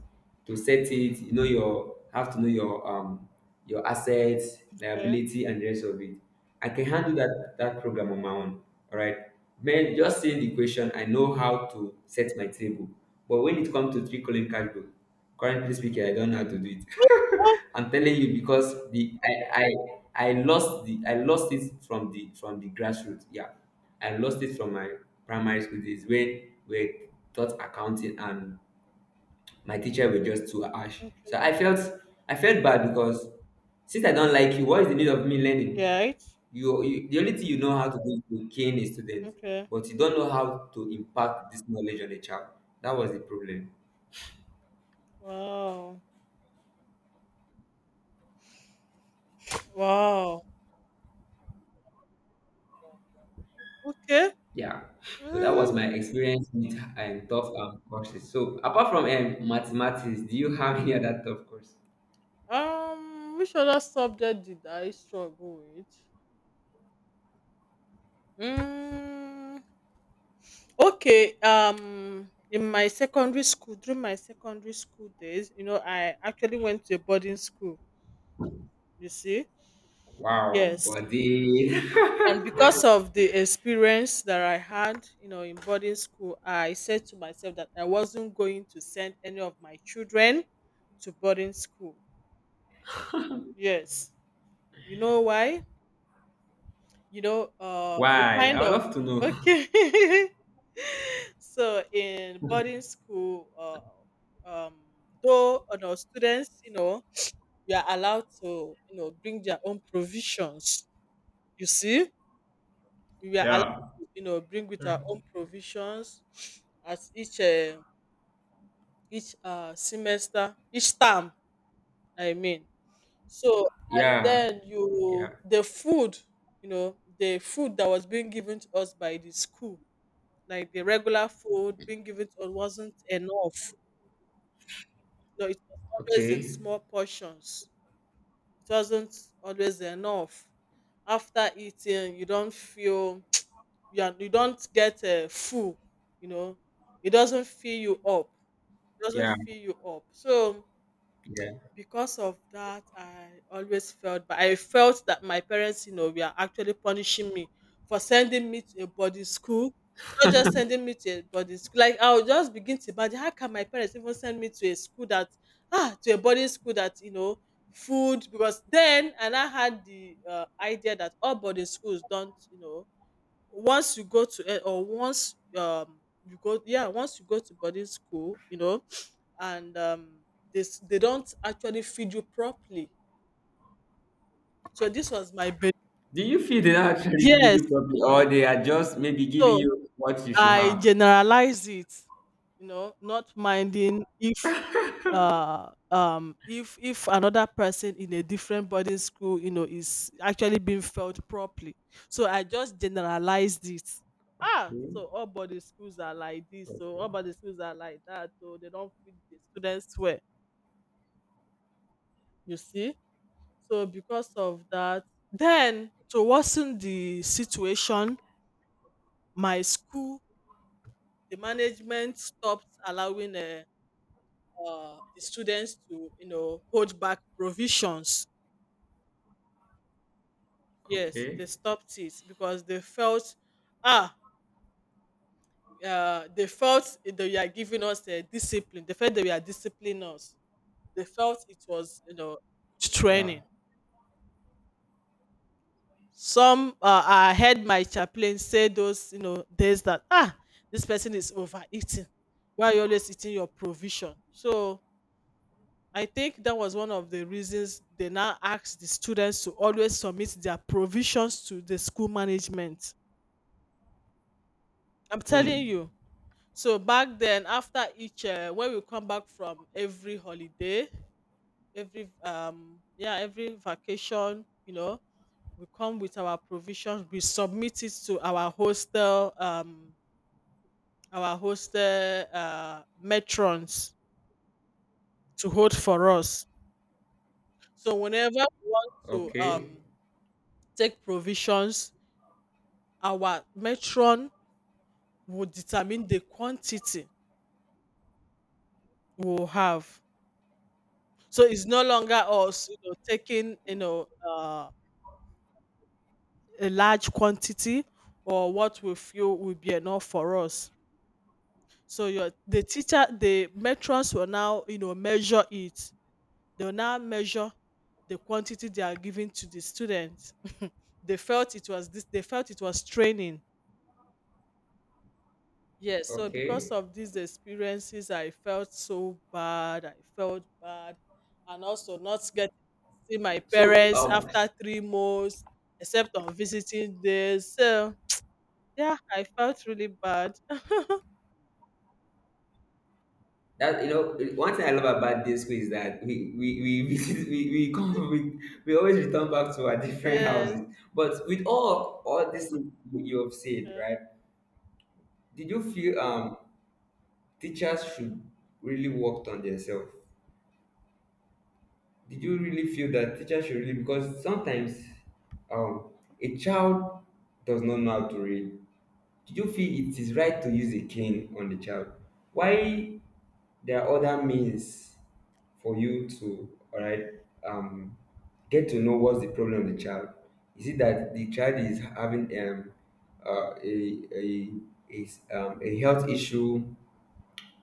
B: To set it, you know, your have to know your assets,
A: Okay.
B: liability, and the rest of it. I can handle that program on my own. All right. Man, just seeing the question, I know how to set my table. But when it comes to trickling cash flow, currently speaking, I don't know how to do it.
A: Oh,
B: I'm telling you, because the I, I I lost the I lost it from the grassroots. Yeah, I lost it from my primary school days when we taught accounting, and my teacher were just too harsh. So
A: okay.
B: I felt bad, because since I don't like you, what is the need of me learning?
A: Yeah, it's-
B: You, the only thing you know how to do is to cane a student,
A: Okay.
B: but you don't know how to impact this knowledge on a child. That was the problem.
A: Wow. Wow. Okay.
B: Yeah, so that was
A: Mm,
B: my experience with and tough courses. So apart from mathematics, do you have any other tough course?
A: which other subject did I struggle with? Mm, okay. In my secondary school, during my secondary school days, you know, I actually went to a boarding school. You see,
B: Wow,
A: yes,
B: body.
A: and because of the experience that I had, you know, in boarding school, I said to myself that I wasn't going to send any of my children to boarding school. Yes, you know why? You know, the
B: Why? I
A: kind
B: would
A: of
B: love to know.
A: okay. So in boarding school, um, though you know, students, you know, we are allowed to, you know, bring their own provisions. You see, we are allowed
B: Yeah,
A: to, you know, bring with our own provisions as each semester, each term. I mean, so and
B: yeah,
A: then you
B: yeah.
A: the food, you know, the food that was being given to us by the school, like the regular food being given to us wasn't enough. No, it was always in
B: Okay.
A: small portions. It wasn't always enough. After eating, you don't feel you are, you don't get full. You know, it doesn't fill you up. It doesn't
B: Yeah,
A: fill you up. So
B: yeah.
A: because of that, I always felt, but I felt that my parents, you know, were actually punishing me for sending me to a boarding school. Not just sending me to a boarding school, like I would just begin to imagine how can my parents even send me to a school that to a boarding school that you know food, because then and I had the idea that all boarding schools don't you know, once you go to eh, or once you go, yeah, once you go to boarding school, you know, and they don't actually feed you properly. So this was my
B: Do you feel they don't actually feed
A: yes.
B: you properly, or they are just maybe giving
A: So
B: you what you should
A: I
B: have?
A: generalize it, you know, not minding if another person in a different boarding school you know is actually being felt properly, so I just generalized it.
B: Hmm?
A: So all boarding schools are like this,
B: Okay.
A: so all boarding schools are like that, so they don't feed the students well, you see. So because of that, then to worsen the situation, my school, the management stopped allowing the students to, you know, hold back provisions. Yes, they
B: Okay.
A: stopped it because they felt, ah, they felt they were giving us a discipline. They felt they were disciplining us. They felt it was, you know, good
B: Yeah.
A: training. Some I heard my chaplain say those you know days that ah this person is overeating. Why are you always eating your provision? So I think that was one of the reasons they now asked the students to always submit their provisions to the school management. I'm telling
B: Hmm.
A: you. So back then, after each when we come back from every holiday, every vacation, you know, we come with our provisions. We submit it to our hostel matrons to hold for us. So whenever we want to
B: Okay.
A: take provisions, our matron will determine the quantity we'll have. So it's no longer us you know taking you know a large quantity or what we feel will be enough for us. So your the teacher, the matrons will now, you know, measure it. They will now measure the quantity they are giving to the students. They felt it was this. They felt it was training. Yes. So because
B: Okay.
A: of these experiences, I felt so bad. I felt bad, and also not getting to see my
B: So,
A: parents after 3 months, except on visiting days. So yeah, I felt really bad.
B: that you know, one thing I love about this school is that we we come we always return back to our different
A: Yes.
B: houses. But with all of all this thing you have said,
A: Okay.
B: right? Did you feel teachers should really work on themselves? Did you really feel that teachers should really, because sometimes um a child does not know how to read. Did you feel it is right to use a cane on the child? Why, there are other means for you to, all right, um get to know what's the problem of the child. Is it that the child is having a is a health issue,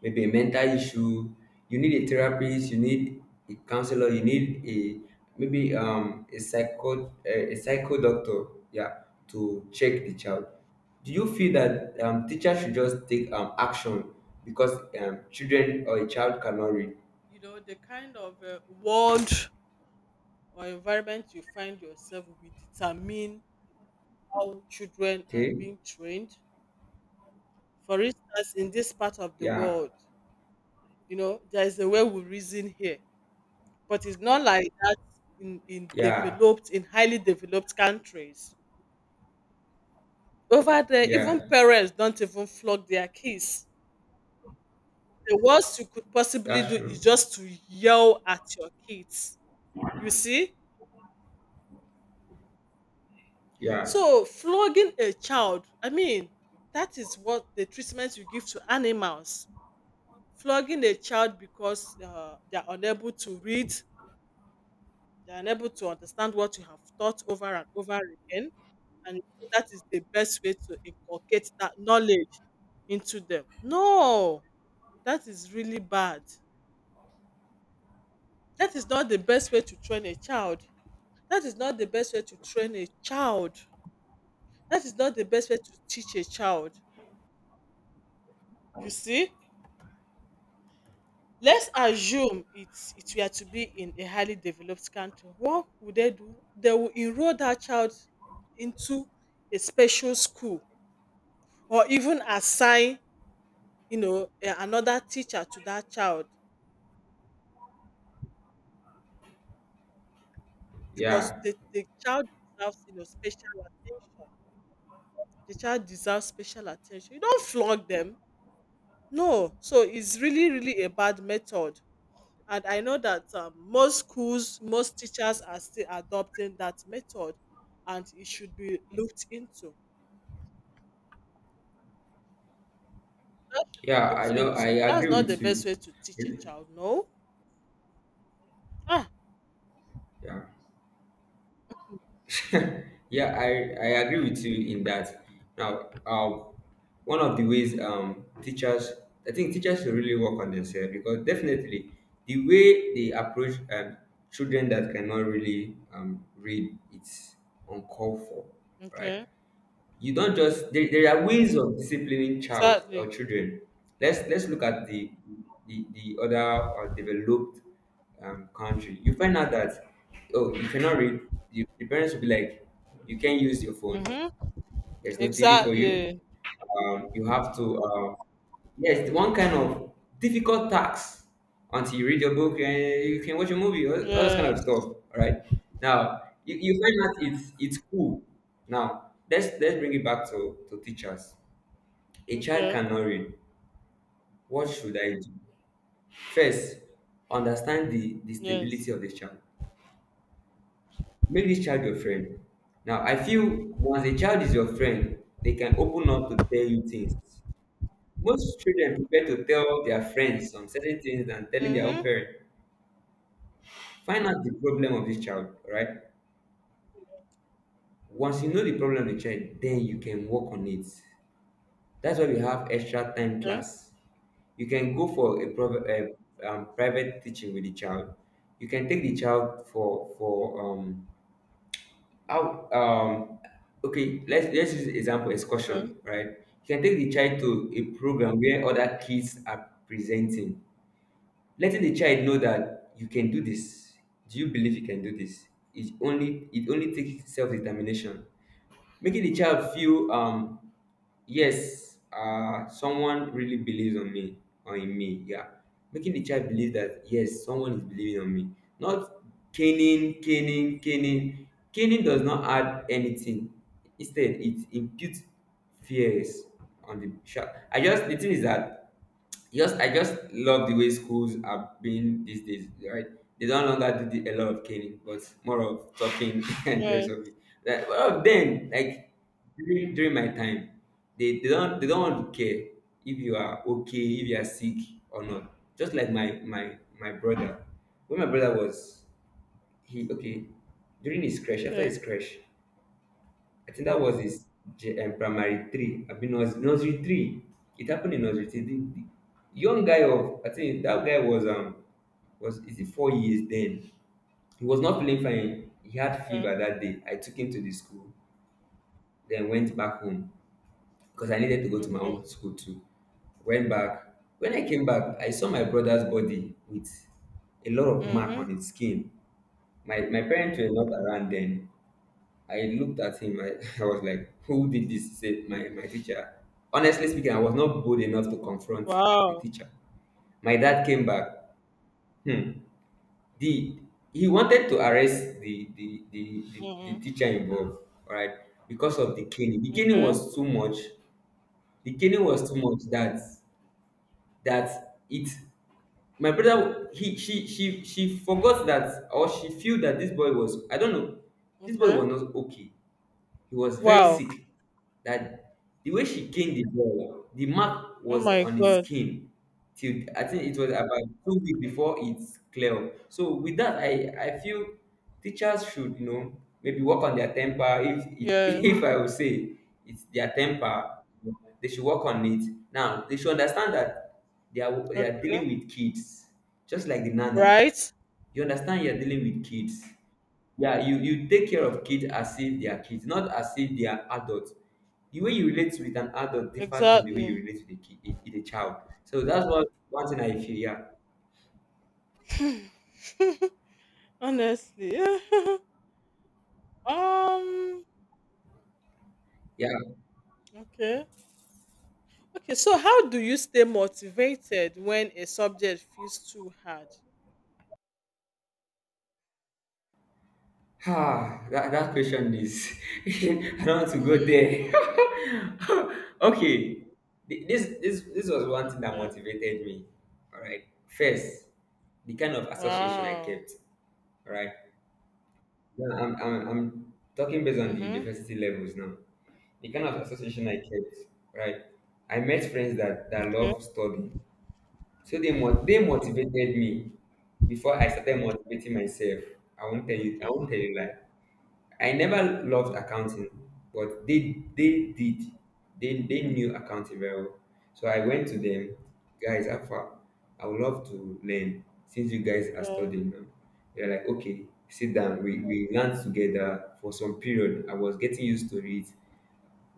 B: maybe a mental issue. You need a therapist. You need a counselor. You need a maybe a psycho doctor. Yeah, to check the child. Do you feel that teachers should just take action because children or a child cannot read?
A: You know the kind of world or environment you find yourself will determine how children are
B: Okay.
A: being trained. For instance, in this part of the
B: Yeah.
A: world, you know, there is a way we reason here, but it's not like that in
B: Yeah.
A: developed, in highly developed countries. Over there, even
B: Yeah.
A: parents don't even flog their kids. The worst you could possibly
B: That's
A: do
B: true.
A: is just to yell at your kids. You see?
B: Yeah.
A: So flogging a child, I mean, that is what the treatment you give to animals. Flogging a child because they are unable to read, they are unable to understand what you have taught over and over again, and that is the best way to inculcate that knowledge into them. No, that is really bad. That is not the best way to train a child. That is not the best way to train a child. That is not the best way to teach a child. You see? Let's assume it's it were to be in a highly developed country. What would they do? They will enroll that child into a special school or even assign, you know, a- another teacher to that child because
B: Yeah.
A: the child deserves, you know, special attention. The child deserves special attention. You don't flog them. No. So it's really, really a bad method. And I know that most schools, most teachers are still adopting that method, and it should be looked into. That should be
B: Yeah.
A: looked
B: I know. I
A: into. That's
B: agree
A: not the
B: with
A: best
B: you.
A: way to teach a
B: Really?
A: child. No. Ah.
B: Yeah. Yeah, I agree with you in that. Now, one of the ways teachers, I think teachers should really work on themselves, because definitely the way they approach children that cannot really read, it's uncalled for, right?
A: Okay.
B: You don't just, there are ways of disciplining child or
A: Exactly.
B: children. Let's look at the the other developed country. You find out that, oh, you cannot read, you, the parents will be like, you can't use your phone,
A: Mhm.
B: there's no TV for you.
A: Exactly.
B: You have to, yes, one kind of difficult task until you read your book, and you can watch a movie, all this kind of stuff.
A: Yes.
B: All right. Now, you find that it's cool. Now, let's bring it back to teachers. A child
A: Okay.
B: cannot read. What should I do? First, understand the stability
A: Yes.
B: of the child. Make this child your friend. Now, I feel once a child is your friend, they can open up to tell you things. Most children prefer to tell their friends some certain things than telling their own
A: Mhm.
B: parent. Find out the problem of this child, all right? Once you know the problem of the child, then you can work on it. That's why we have extra time
A: Okay.
B: class. You can go for a, prov- a private teaching with the child. You can take the child for out okay. Let's use example
A: Okay.
B: excursion, right? You can take the child to a program where other kids are presenting, letting the child know that you can do this. Do you believe you can do this? It only takes self-determination, making the child feel, yes someone really believes on me or in me. Yeah, making the child believe that, yes, someone is believing on me, not Caning caning does not add anything. Instead, it imputes fears on the child. I just the thing is that just I just love the way schools are being these days, right? They don't longer do the, a lot of caning, but more of talking and the rest
A: Yes.
B: of it. Like well then, like during my time, they don't want to care if you are okay, if you are sick or not. Just like my my brother. When my brother was he okay, during his crash, after his
A: Okay.
B: crash, I think that was his primary three. I mean, nursery three. It happened in nursery three. The young guy of, I think that guy was is it 4 years then. He was not feeling fine. He had
A: Okay.
B: fever that day. I took him to the school, then went back home because I needed to go to my
A: Okay.
B: own school too. Went back. When I came back, I saw my brother's body with a lot of mark
A: Mhm.
B: on its skin. My parents were not around then. I looked at him. I, I was like, "Who did this?" He said, My teacher." Honestly speaking, I was not bold enough to confront the
A: Wow.
B: teacher. My dad came back. Hmm. The He wanted to arrest the the
A: Mhm.
B: teacher involved, all right, because of the caning. The caning
A: Okay.
B: was too much. The caning was too much that that it my brother he she forgot that or she feel that this boy was, I don't know, this boy
A: Okay.
B: was not okay. He was very
A: Wow.
B: sick. That the way she gained the ball, the mark
A: Oh
B: was
A: my
B: on his
A: God.
B: skin. Till I think it was about 2 weeks before it's clear up. So with that, I feel teachers should, you know, maybe work on their temper. If it,
A: Yes.
B: if I would say it's their temper, they should work on it. Now they should understand that they are
A: Okay.
B: dealing with kids, just like the nanny.
A: Right.
B: You understand you are dealing with kids. Yeah, you take care of kids as if they are kids, not as if they are adults. The way you relate with an adult differs from the way you
A: Exactly.
B: relate with a kid, with a child. So that's what one thing I feel. Yeah,
A: Honestly. um
B: yeah.
A: okay. Okay, so how do you stay motivated when a subject feels too hard?
B: Ah, that, that question is. I don't want to go
A: Hmm.
B: there. Okay, this was one thing that
A: Okay.
B: motivated me. All right, first, the kind of association I
A: Wow.
B: kept. All right, yeah, I'm talking based on the
A: Mm-hmm.
B: university levels now. The kind of association I kept, right? I met friends that
A: Okay.
B: love studying. So they motivated me before I started motivating myself. I
A: Okay.
B: won't tell you lie. I never loved accounting, but they did. They knew accounting very well. So I went to them, guys, Alpha, I would love to learn since you guys are
A: Okay.
B: studying now. They're like, okay, sit down. We learned together for some period. I was getting used to it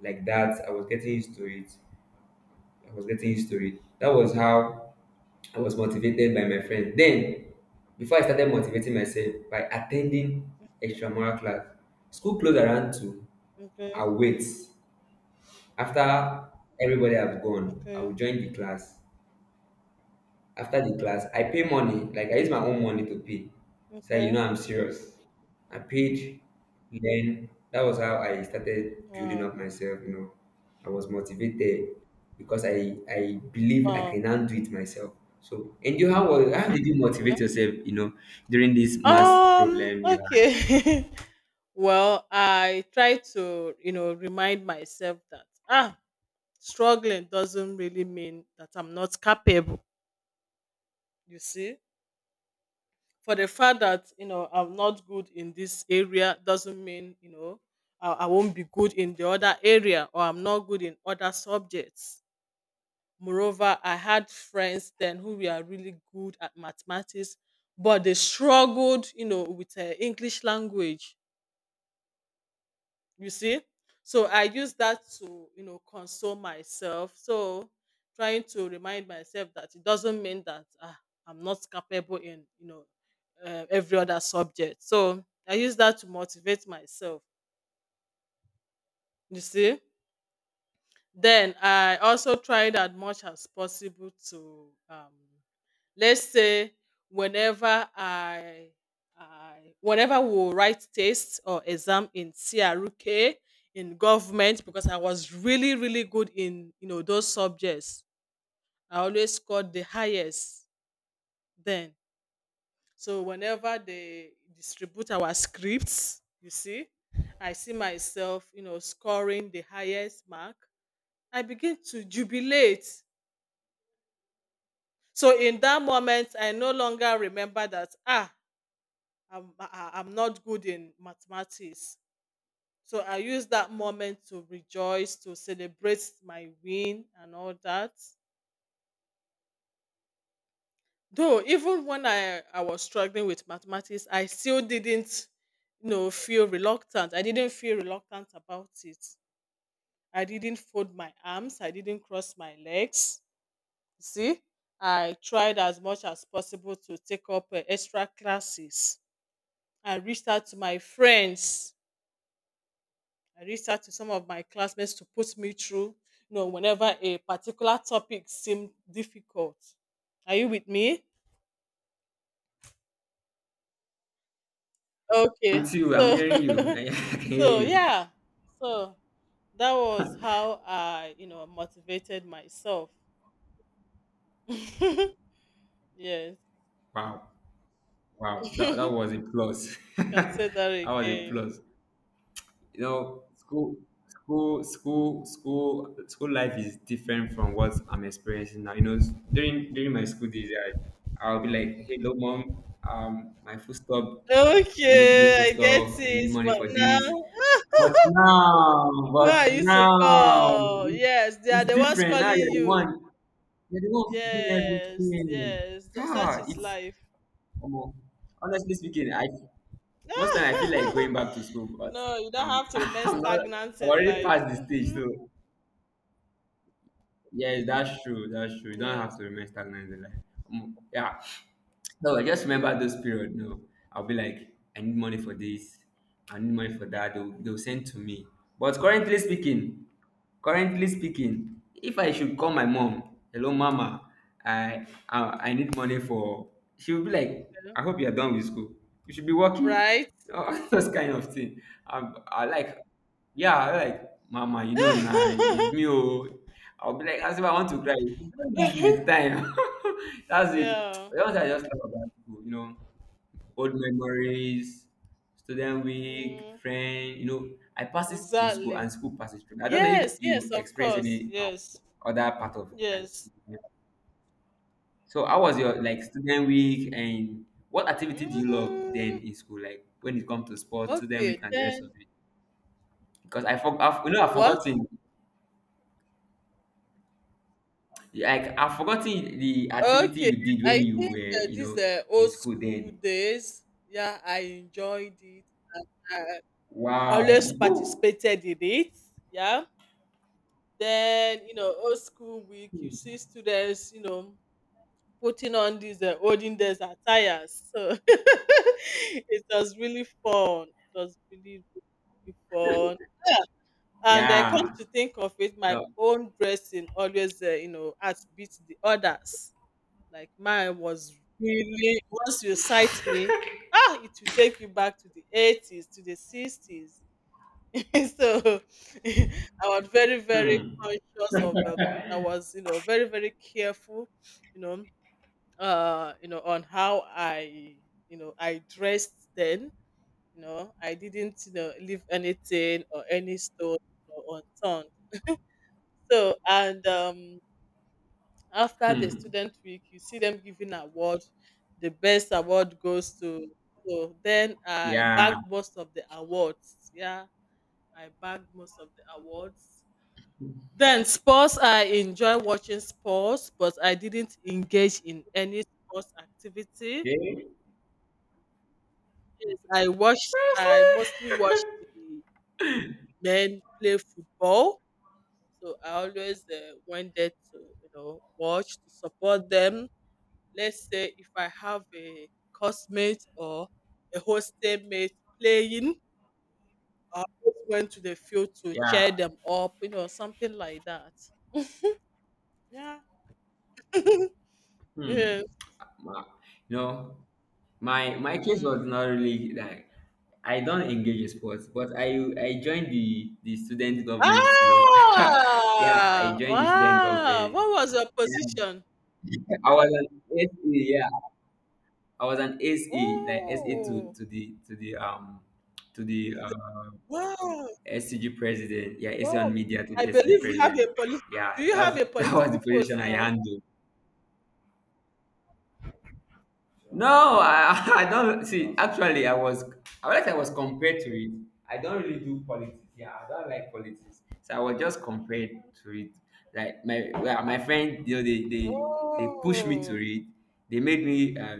B: like that. I was getting used to it. That was how I was motivated by my friend. Then, before I started motivating myself by attending extramural class, school closed around two. I
A: Okay.
B: wait after everybody have gone. I will
A: Okay.
B: join the class. After the class, I pay money, like I use my own money to pay. So
A: Okay.
B: you know I'm serious. I paid, then that was how I started building
A: Wow.
B: up myself, you know. I was motivated because I believe I
A: Wow.
B: can now do it myself. So and you how did you
A: Yeah.
B: motivate yourself, you know, during this math problem you had?
A: Okay. Well, I try to, you know, remind myself that struggling doesn't really mean that I'm not capable. You see, for the fact that you know I'm not good in this area doesn't mean you know I won't be good in the other area, or I'm not good in other subjects. Moreover, I had friends then who were really good at mathematics, but they struggled, you know, with english language. You see, so I use that to, you know, console myself. So trying to remind myself that it doesn't mean that I'm not capable in you know every other subject. So I use that to motivate myself. You see, then I also tried as much as possible to Let's say whenever I whenever we will write tests or exam in CRK in government because I was really really good in you know those subjects. I always scored the highest then. So whenever they distribute our scripts, you see, I see myself you know scoring the highest mark. I begin to jubilate. So in that moment, I no longer remember that I'm not good in mathematics. So I use that moment to rejoice, to celebrate my win and all that. Though even when I was struggling with mathematics, I still didn't you know feel reluctant. I didn't feel reluctant about it. I didn't fold my arms, I didn't cross my legs. You see? I tried as much as possible to take up extra classes. I reached out to my friends. I reached out to some of my classmates to put me through, you know, whenever a particular topic seemed difficult. Are you with me? Okay.
B: I'm
A: So
B: hearing you. I can hear
A: so
B: you.
A: yeah. So that was how I, you know, motivated myself. Yes.
B: Wow. Wow. That
A: You
B: was a plus.
A: can say that
B: That was a
A: again.
B: plus. You know school life is different from what I'm experiencing now. You know, during my school days, I'll be like, hello mom, my food stop, I need new
A: Okay,
B: food
A: I get
B: stop, I need
A: it.
B: money
A: But
B: for this,
A: now who are
B: but
A: you to
B: now
A: call? Yes, they are
B: it's
A: the ones
B: different
A: calling
B: now. You're the one,
A: you.
B: you're the one doing
A: Yes,
B: everything.
A: yes, such
B: Ah,
A: is
B: it's
A: life.
B: um, honestly speaking, I most time I feel like going back to school, but
A: No, you don't
B: I'm
A: have to remain
B: I'm not.
A: stagnant
B: I'm
A: in
B: already
A: life.
B: past the stage.
A: Hmm.
B: So yes, that's true. That's true. You don't have
A: Yes,
B: to remain stagnant in life. Mm, yeah, no, I just remember those period. No, I'll be like, I need money for this, I need money for that. They'll send to me. But currently speaking, if I should call my mom, hello mama, I need money for. She will be like,
A: okay.
B: I hope you are done with school. You should be working.
A: Right?
B: Oh, those kind of thing. I like, yeah, I like, mama, you know, nah, it's me. Oh, I'll be like, as if I want to cry. You don't have my time. That's it.
A: Yeah,
B: But once I just talk about school, you know, old memories, student week,
A: mm,
B: friend, you know, I pass it through school
A: exactly.
B: and school passes through me. I don't know if
A: Yes, yes,
B: you
A: of
B: experience
A: course.
B: any
A: Yes,
B: other part of
A: yes.
B: so how was your like student week and what activity do you love then
A: Mm,
B: in school? Like when it comes to sports, student week
A: okay,
B: and the rest of
A: then
B: it. Because I forgot, you know, I've
A: what?
B: forgotten. Like I've forgotten the activity
A: Okay,
B: you did when
A: I
B: you were,
A: think
B: you
A: these
B: know, in
A: old
B: school
A: school
B: then.
A: days. Yeah, I enjoyed it. Always
B: Wow.
A: participated in it. Yeah. Then, you know, old school week, you see students, you know, putting on these olden days attires. So it was really fun. It was really, really fun. And come
B: Yeah.
A: to think of it, my
B: No.
A: own dressing always, you know, outbeats the others. Like mine was really, once you sight me, ah, it will take you back to the 80s, to the 60s. So I was very, very
B: Hmm.
A: conscious of. I was, you know, very, very careful, you know, you know, on how I, you know, I dressed then. You know, I didn't, you know, leave anything or any stone you know, unturned. So, and after the
B: Hmm.
A: student week, you see them giving award. The best award goes to. So then I
B: Yeah.
A: bagged most of the awards. Yeah, I bagged most of the awards. Then sports, I enjoy watching sports, but I didn't engage in any sports activity.
B: Eh?
A: Yes, I watched. I mostly
B: Seriously?
A: watched the men play football, so I always went there to you know watch to support them. Let's say if I have a cosmate or a hostel mate playing, I always went to the field to cheer
B: Yeah.
A: them up, you know, something like that. Yeah.
B: Hmm.
A: Yes.
B: Ma- you know, my case was
A: Mm.
B: not really like I don't engage in sports, but I joined the student government. You know, yeah, I
A: Ah!
B: joined the student
A: Wow!
B: government.
A: What was your
B: Yeah,
A: position?
B: I was an SC, yeah. I was an SA, like SA to
A: Oh!
B: to the
A: Wow!
B: SCG president. Yeah, SA on
A: Wow!
B: media to
A: I
B: the SCG
A: believe you have
B: president.
A: a polit
B: Yeah,
A: do you have
B: that's
A: a
B: that was the
A: political
B: position
A: post
B: I
A: now?
B: handled. I
A: Okay.
B: don't see. Actually, I was I realized I was compared to it. I don't really do politics. Yeah, I don't like politics. So I was just compared to it. Like my well, my friend, you know, they they pushed me to
A: Oh!
B: it. They made me.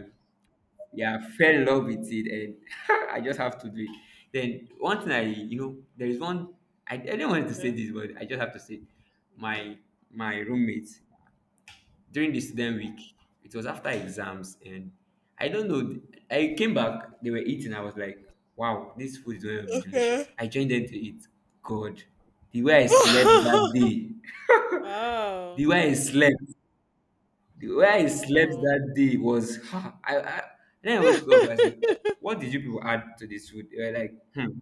B: Yeah, I fell in love with it, and I just have to do it. Then one thing I, you know, there is one. I didn't want to say
A: Okay.
B: this, but I just have to say, my
A: Okay.
B: my roommate during the student week, it was after exams, and I don't know. I came back, they were eating. I was like, wow, this food is going to be
A: Okay.
B: delicious. I joined them to eat. God, the way I slept that day, the
A: Wow!
B: way I slept. The way I slept
A: Oh.
B: that day was ha, I then I woke up. I said, like, what did you people add to this food? They were like, hmm,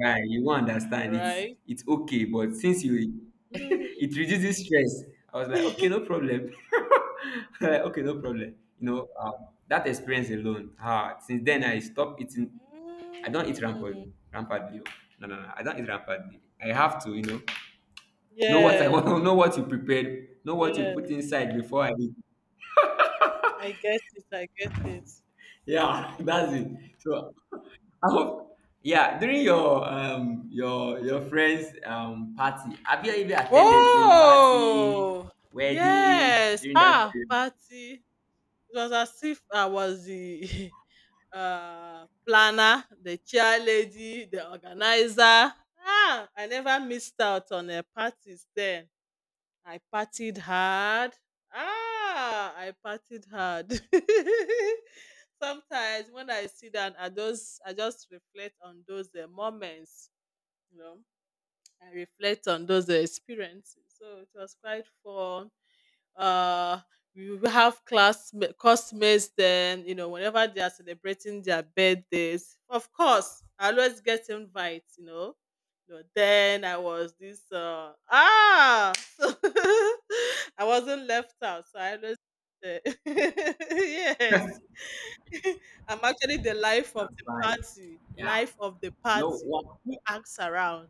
B: guy, you won't understand.
A: Right?
B: It's okay, but since you
A: Mhm.
B: it reduces stress. I was like, okay, no problem. Like, okay, no problem. You know, that experience alone. Ah, since then I stopped eating. I don't eat rampantly.
A: Mm.
B: Rampantly. Oh. No, no, no. I don't eat rampantly. I have to, you know what I want.
A: Yes.
B: Know what you prepared. Know what you put
A: Yes.
B: inside before I eat.
A: I get it. I get it.
B: Yeah, that's it. So I hope yeah, during your your friend's party, have you ever attended maybe party,
A: Oh,
B: wedding
A: yes.
B: during that
A: Ah,
B: period?
A: party. It was as if I was the planner, the chair lady, the organizer. Ah, I never missed out on a parties then. I partied hard. Ah, I partied hard. Sometimes when I sit down, I just reflect on those moments, you know. I reflect on those experiences. So it was quite fun. Uh, we will have classmates then, you know, whenever they are celebrating their birthdays. Of course, I always get invites, you know. You know, then I was this so I wasn't left out, so I always eh, yes. I'm actually the life of
B: That's
A: the
B: fine.
A: party.
B: Yeah.
A: Life of the
B: No
A: party.
B: what
A: Who acts around?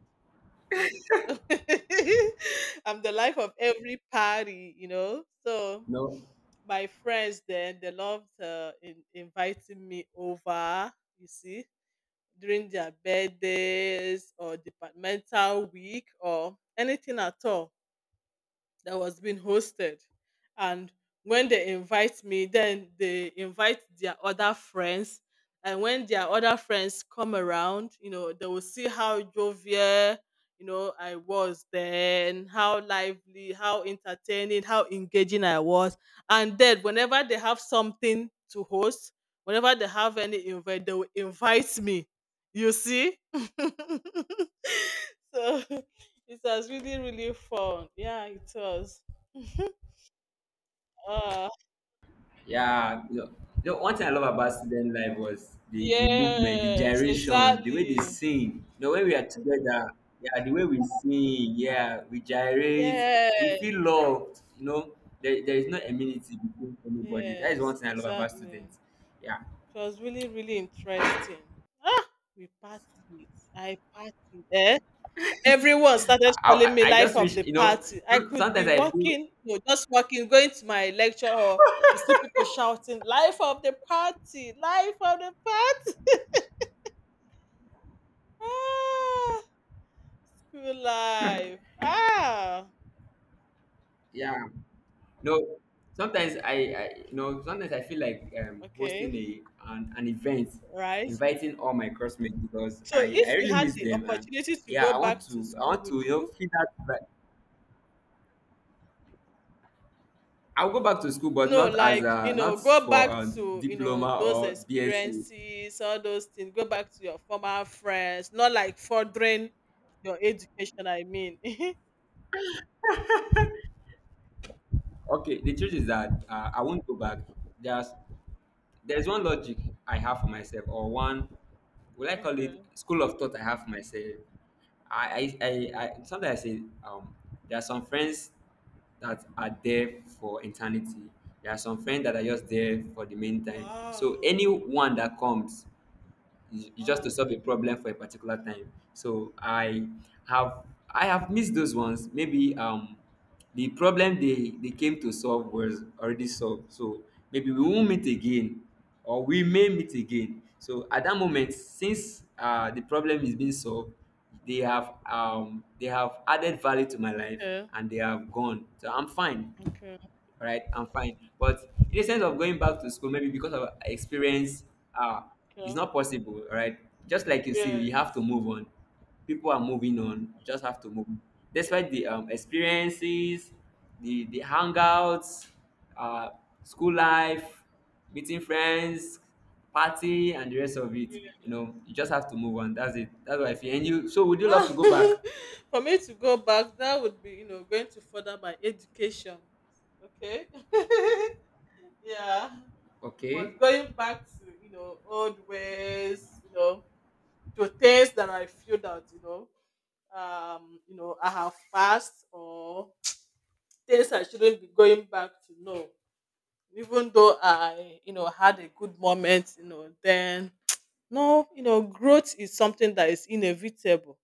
A: Yes. So I'm the life of every party, you know. So
B: no.
A: my friends then they loved inviting me over, you see, during their birthdays or departmental week or anything at all that was being hosted. And when they invite me, then they invite their other friends. And when their other friends come around, you know, they will see how jovial, you know, I was then, how lively, how entertaining, how engaging I was. And then whenever they have something to host, whenever they have any invite, they will invite me. You see? So it was really, really fun. Yeah, it was. Ah,
B: Yeah, you know, one thing I love about student life was the movement, the
A: yes,
B: gyration, the way
A: exactly.
B: they sing. You know, when we are together, yeah, the way we sing, yeah, we gyrate, we
A: Yes,
B: feel loved. You know, there is no enmity between anybody. That is one
A: yes,
B: thing I love about
A: exactly.
B: students. Yeah,
A: It was really, really interesting. Ah, we partied. I partied. Eh? Everyone started calling me
B: I
A: life
B: just
A: of
B: wish,
A: the
B: you know,
A: party. I could be
B: sometimes I feel,
A: walking, you know, just walking, going to my lecture, or you see people shouting, "Life of the party! Life of the party!" Ah. School life. Ah,
B: yeah, no, sometimes I you know, sometimes I feel like hosting
A: okay,
B: a an event,
A: right.
B: inviting all my classmates because
A: So
B: I
A: if you
B: really
A: had
B: miss
A: the
B: them, and
A: opportunity to go
B: yeah,
A: back to
B: I
A: school,
B: want
A: would
B: to you know
A: you?
B: feel that, but I'll go back to school, but
A: No,
B: not as
A: like, you
B: a
A: know,
B: not
A: go
B: for
A: back
B: a
A: to, you know,
B: diploma
A: those
B: or BSc.
A: experiences, all those things, go back to your former friends, not like furthering your education, I mean.
B: Okay, the truth is that I won't go back. Just there's one logic I have for myself, or one, would I call it
A: Okay.
B: school of thought I have for myself. I, I, I, I sometimes I say, there are some friends that are there for eternity. There are some friends that are just there for the meantime. So
A: Wow.
B: anyone that comes, it's just to
A: Wow.
B: solve a problem for a particular time. So have I have missed those ones. Maybe the problem they came to solve was already solved. So maybe we won't meet again, or we may meet again. So at that moment, since the problem is being solved, they have added value to my life
A: Okay.
B: and they have gone. So I'm fine,
A: Okay.
B: all right, I'm fine, but in the sense of going back to school maybe because of experience, uh it's
A: Okay.
B: not possible, all right, just like you say, we have to
A: Yes.
B: move on. People are moving on, you just have to move on. Despite the experiences, the hangouts, uh school life, meeting friends, party and the rest of it, you know, you just have to move on. That's it, that's what I feel, and you so would you love to
A: Ah,
B: go back?
A: for me to go back, that would be, you know, going to further my education. Okay. Yeah. But
B: Okay.
A: going back to, you know, old ways, you know, to things that I feel that, you know, I have passed or things I shouldn't be going back to. No. Even though I, you know, had a good moment, you know, then no, you know, growth is something that is inevitable.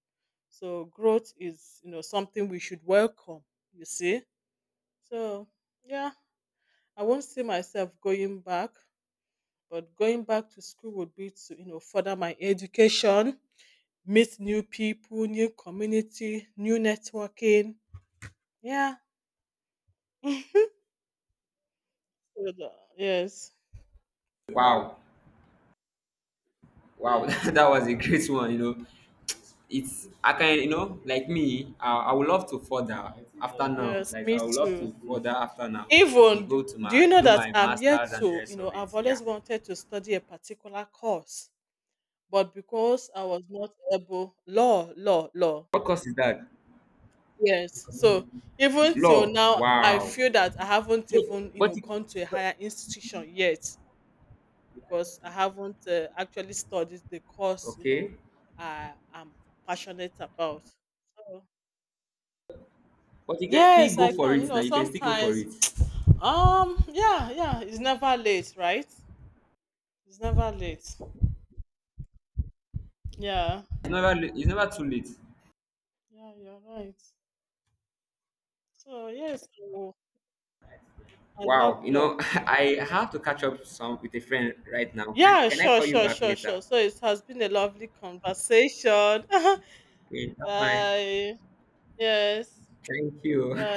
A: So growth is, you know, something we should welcome, you see. So yeah, I won't see myself going back, but going back to school would be to, you know, further my education, meet new people, new community, new networking. Yeah. So Yes.
B: Wow, wow,
A: Yes.
B: that was a great one, you know. It's I can you know like me, I would love to further after now,
A: Yes,
B: like
A: me
B: I would love
A: too.
B: to further after now maybe
A: Even do
B: go to
A: do you
B: my
A: know
B: do
A: that
B: my
A: I'm yet
B: master and the
A: to, you
B: rest
A: know,
B: of
A: I've
B: it, yeah,
A: always wanted to study a particular course, but because I was not able, law.
B: what course is that?
A: Yes. So even till
B: Law,
A: now, I
B: wow,
A: feel that I haven't
B: but
A: even you
B: but,
A: know
B: it,
A: gone to a
B: but
A: higher institution yet because I haven't actually studied the course you know
B: okay,
A: I am passionate about. So
B: but you can still
A: yes,
B: go
A: I
B: for
A: can. You
B: it now,
A: know
B: you can still go for
A: sometimes
B: it. It's
A: yeah it's never late, right? It's never late. Yeah
B: never la- it's never too late.
A: yeah you're right. So yes, oh, I
B: Wow,
A: love
B: you know,
A: law.
B: I have to catch up some with a friend right now.
A: Yeah,
B: Can I call you back later?
A: sure. So it has been a lovely conversation.
B: Okay, that's fine,
A: Bye. Yes.
B: thank you,
A: Bye.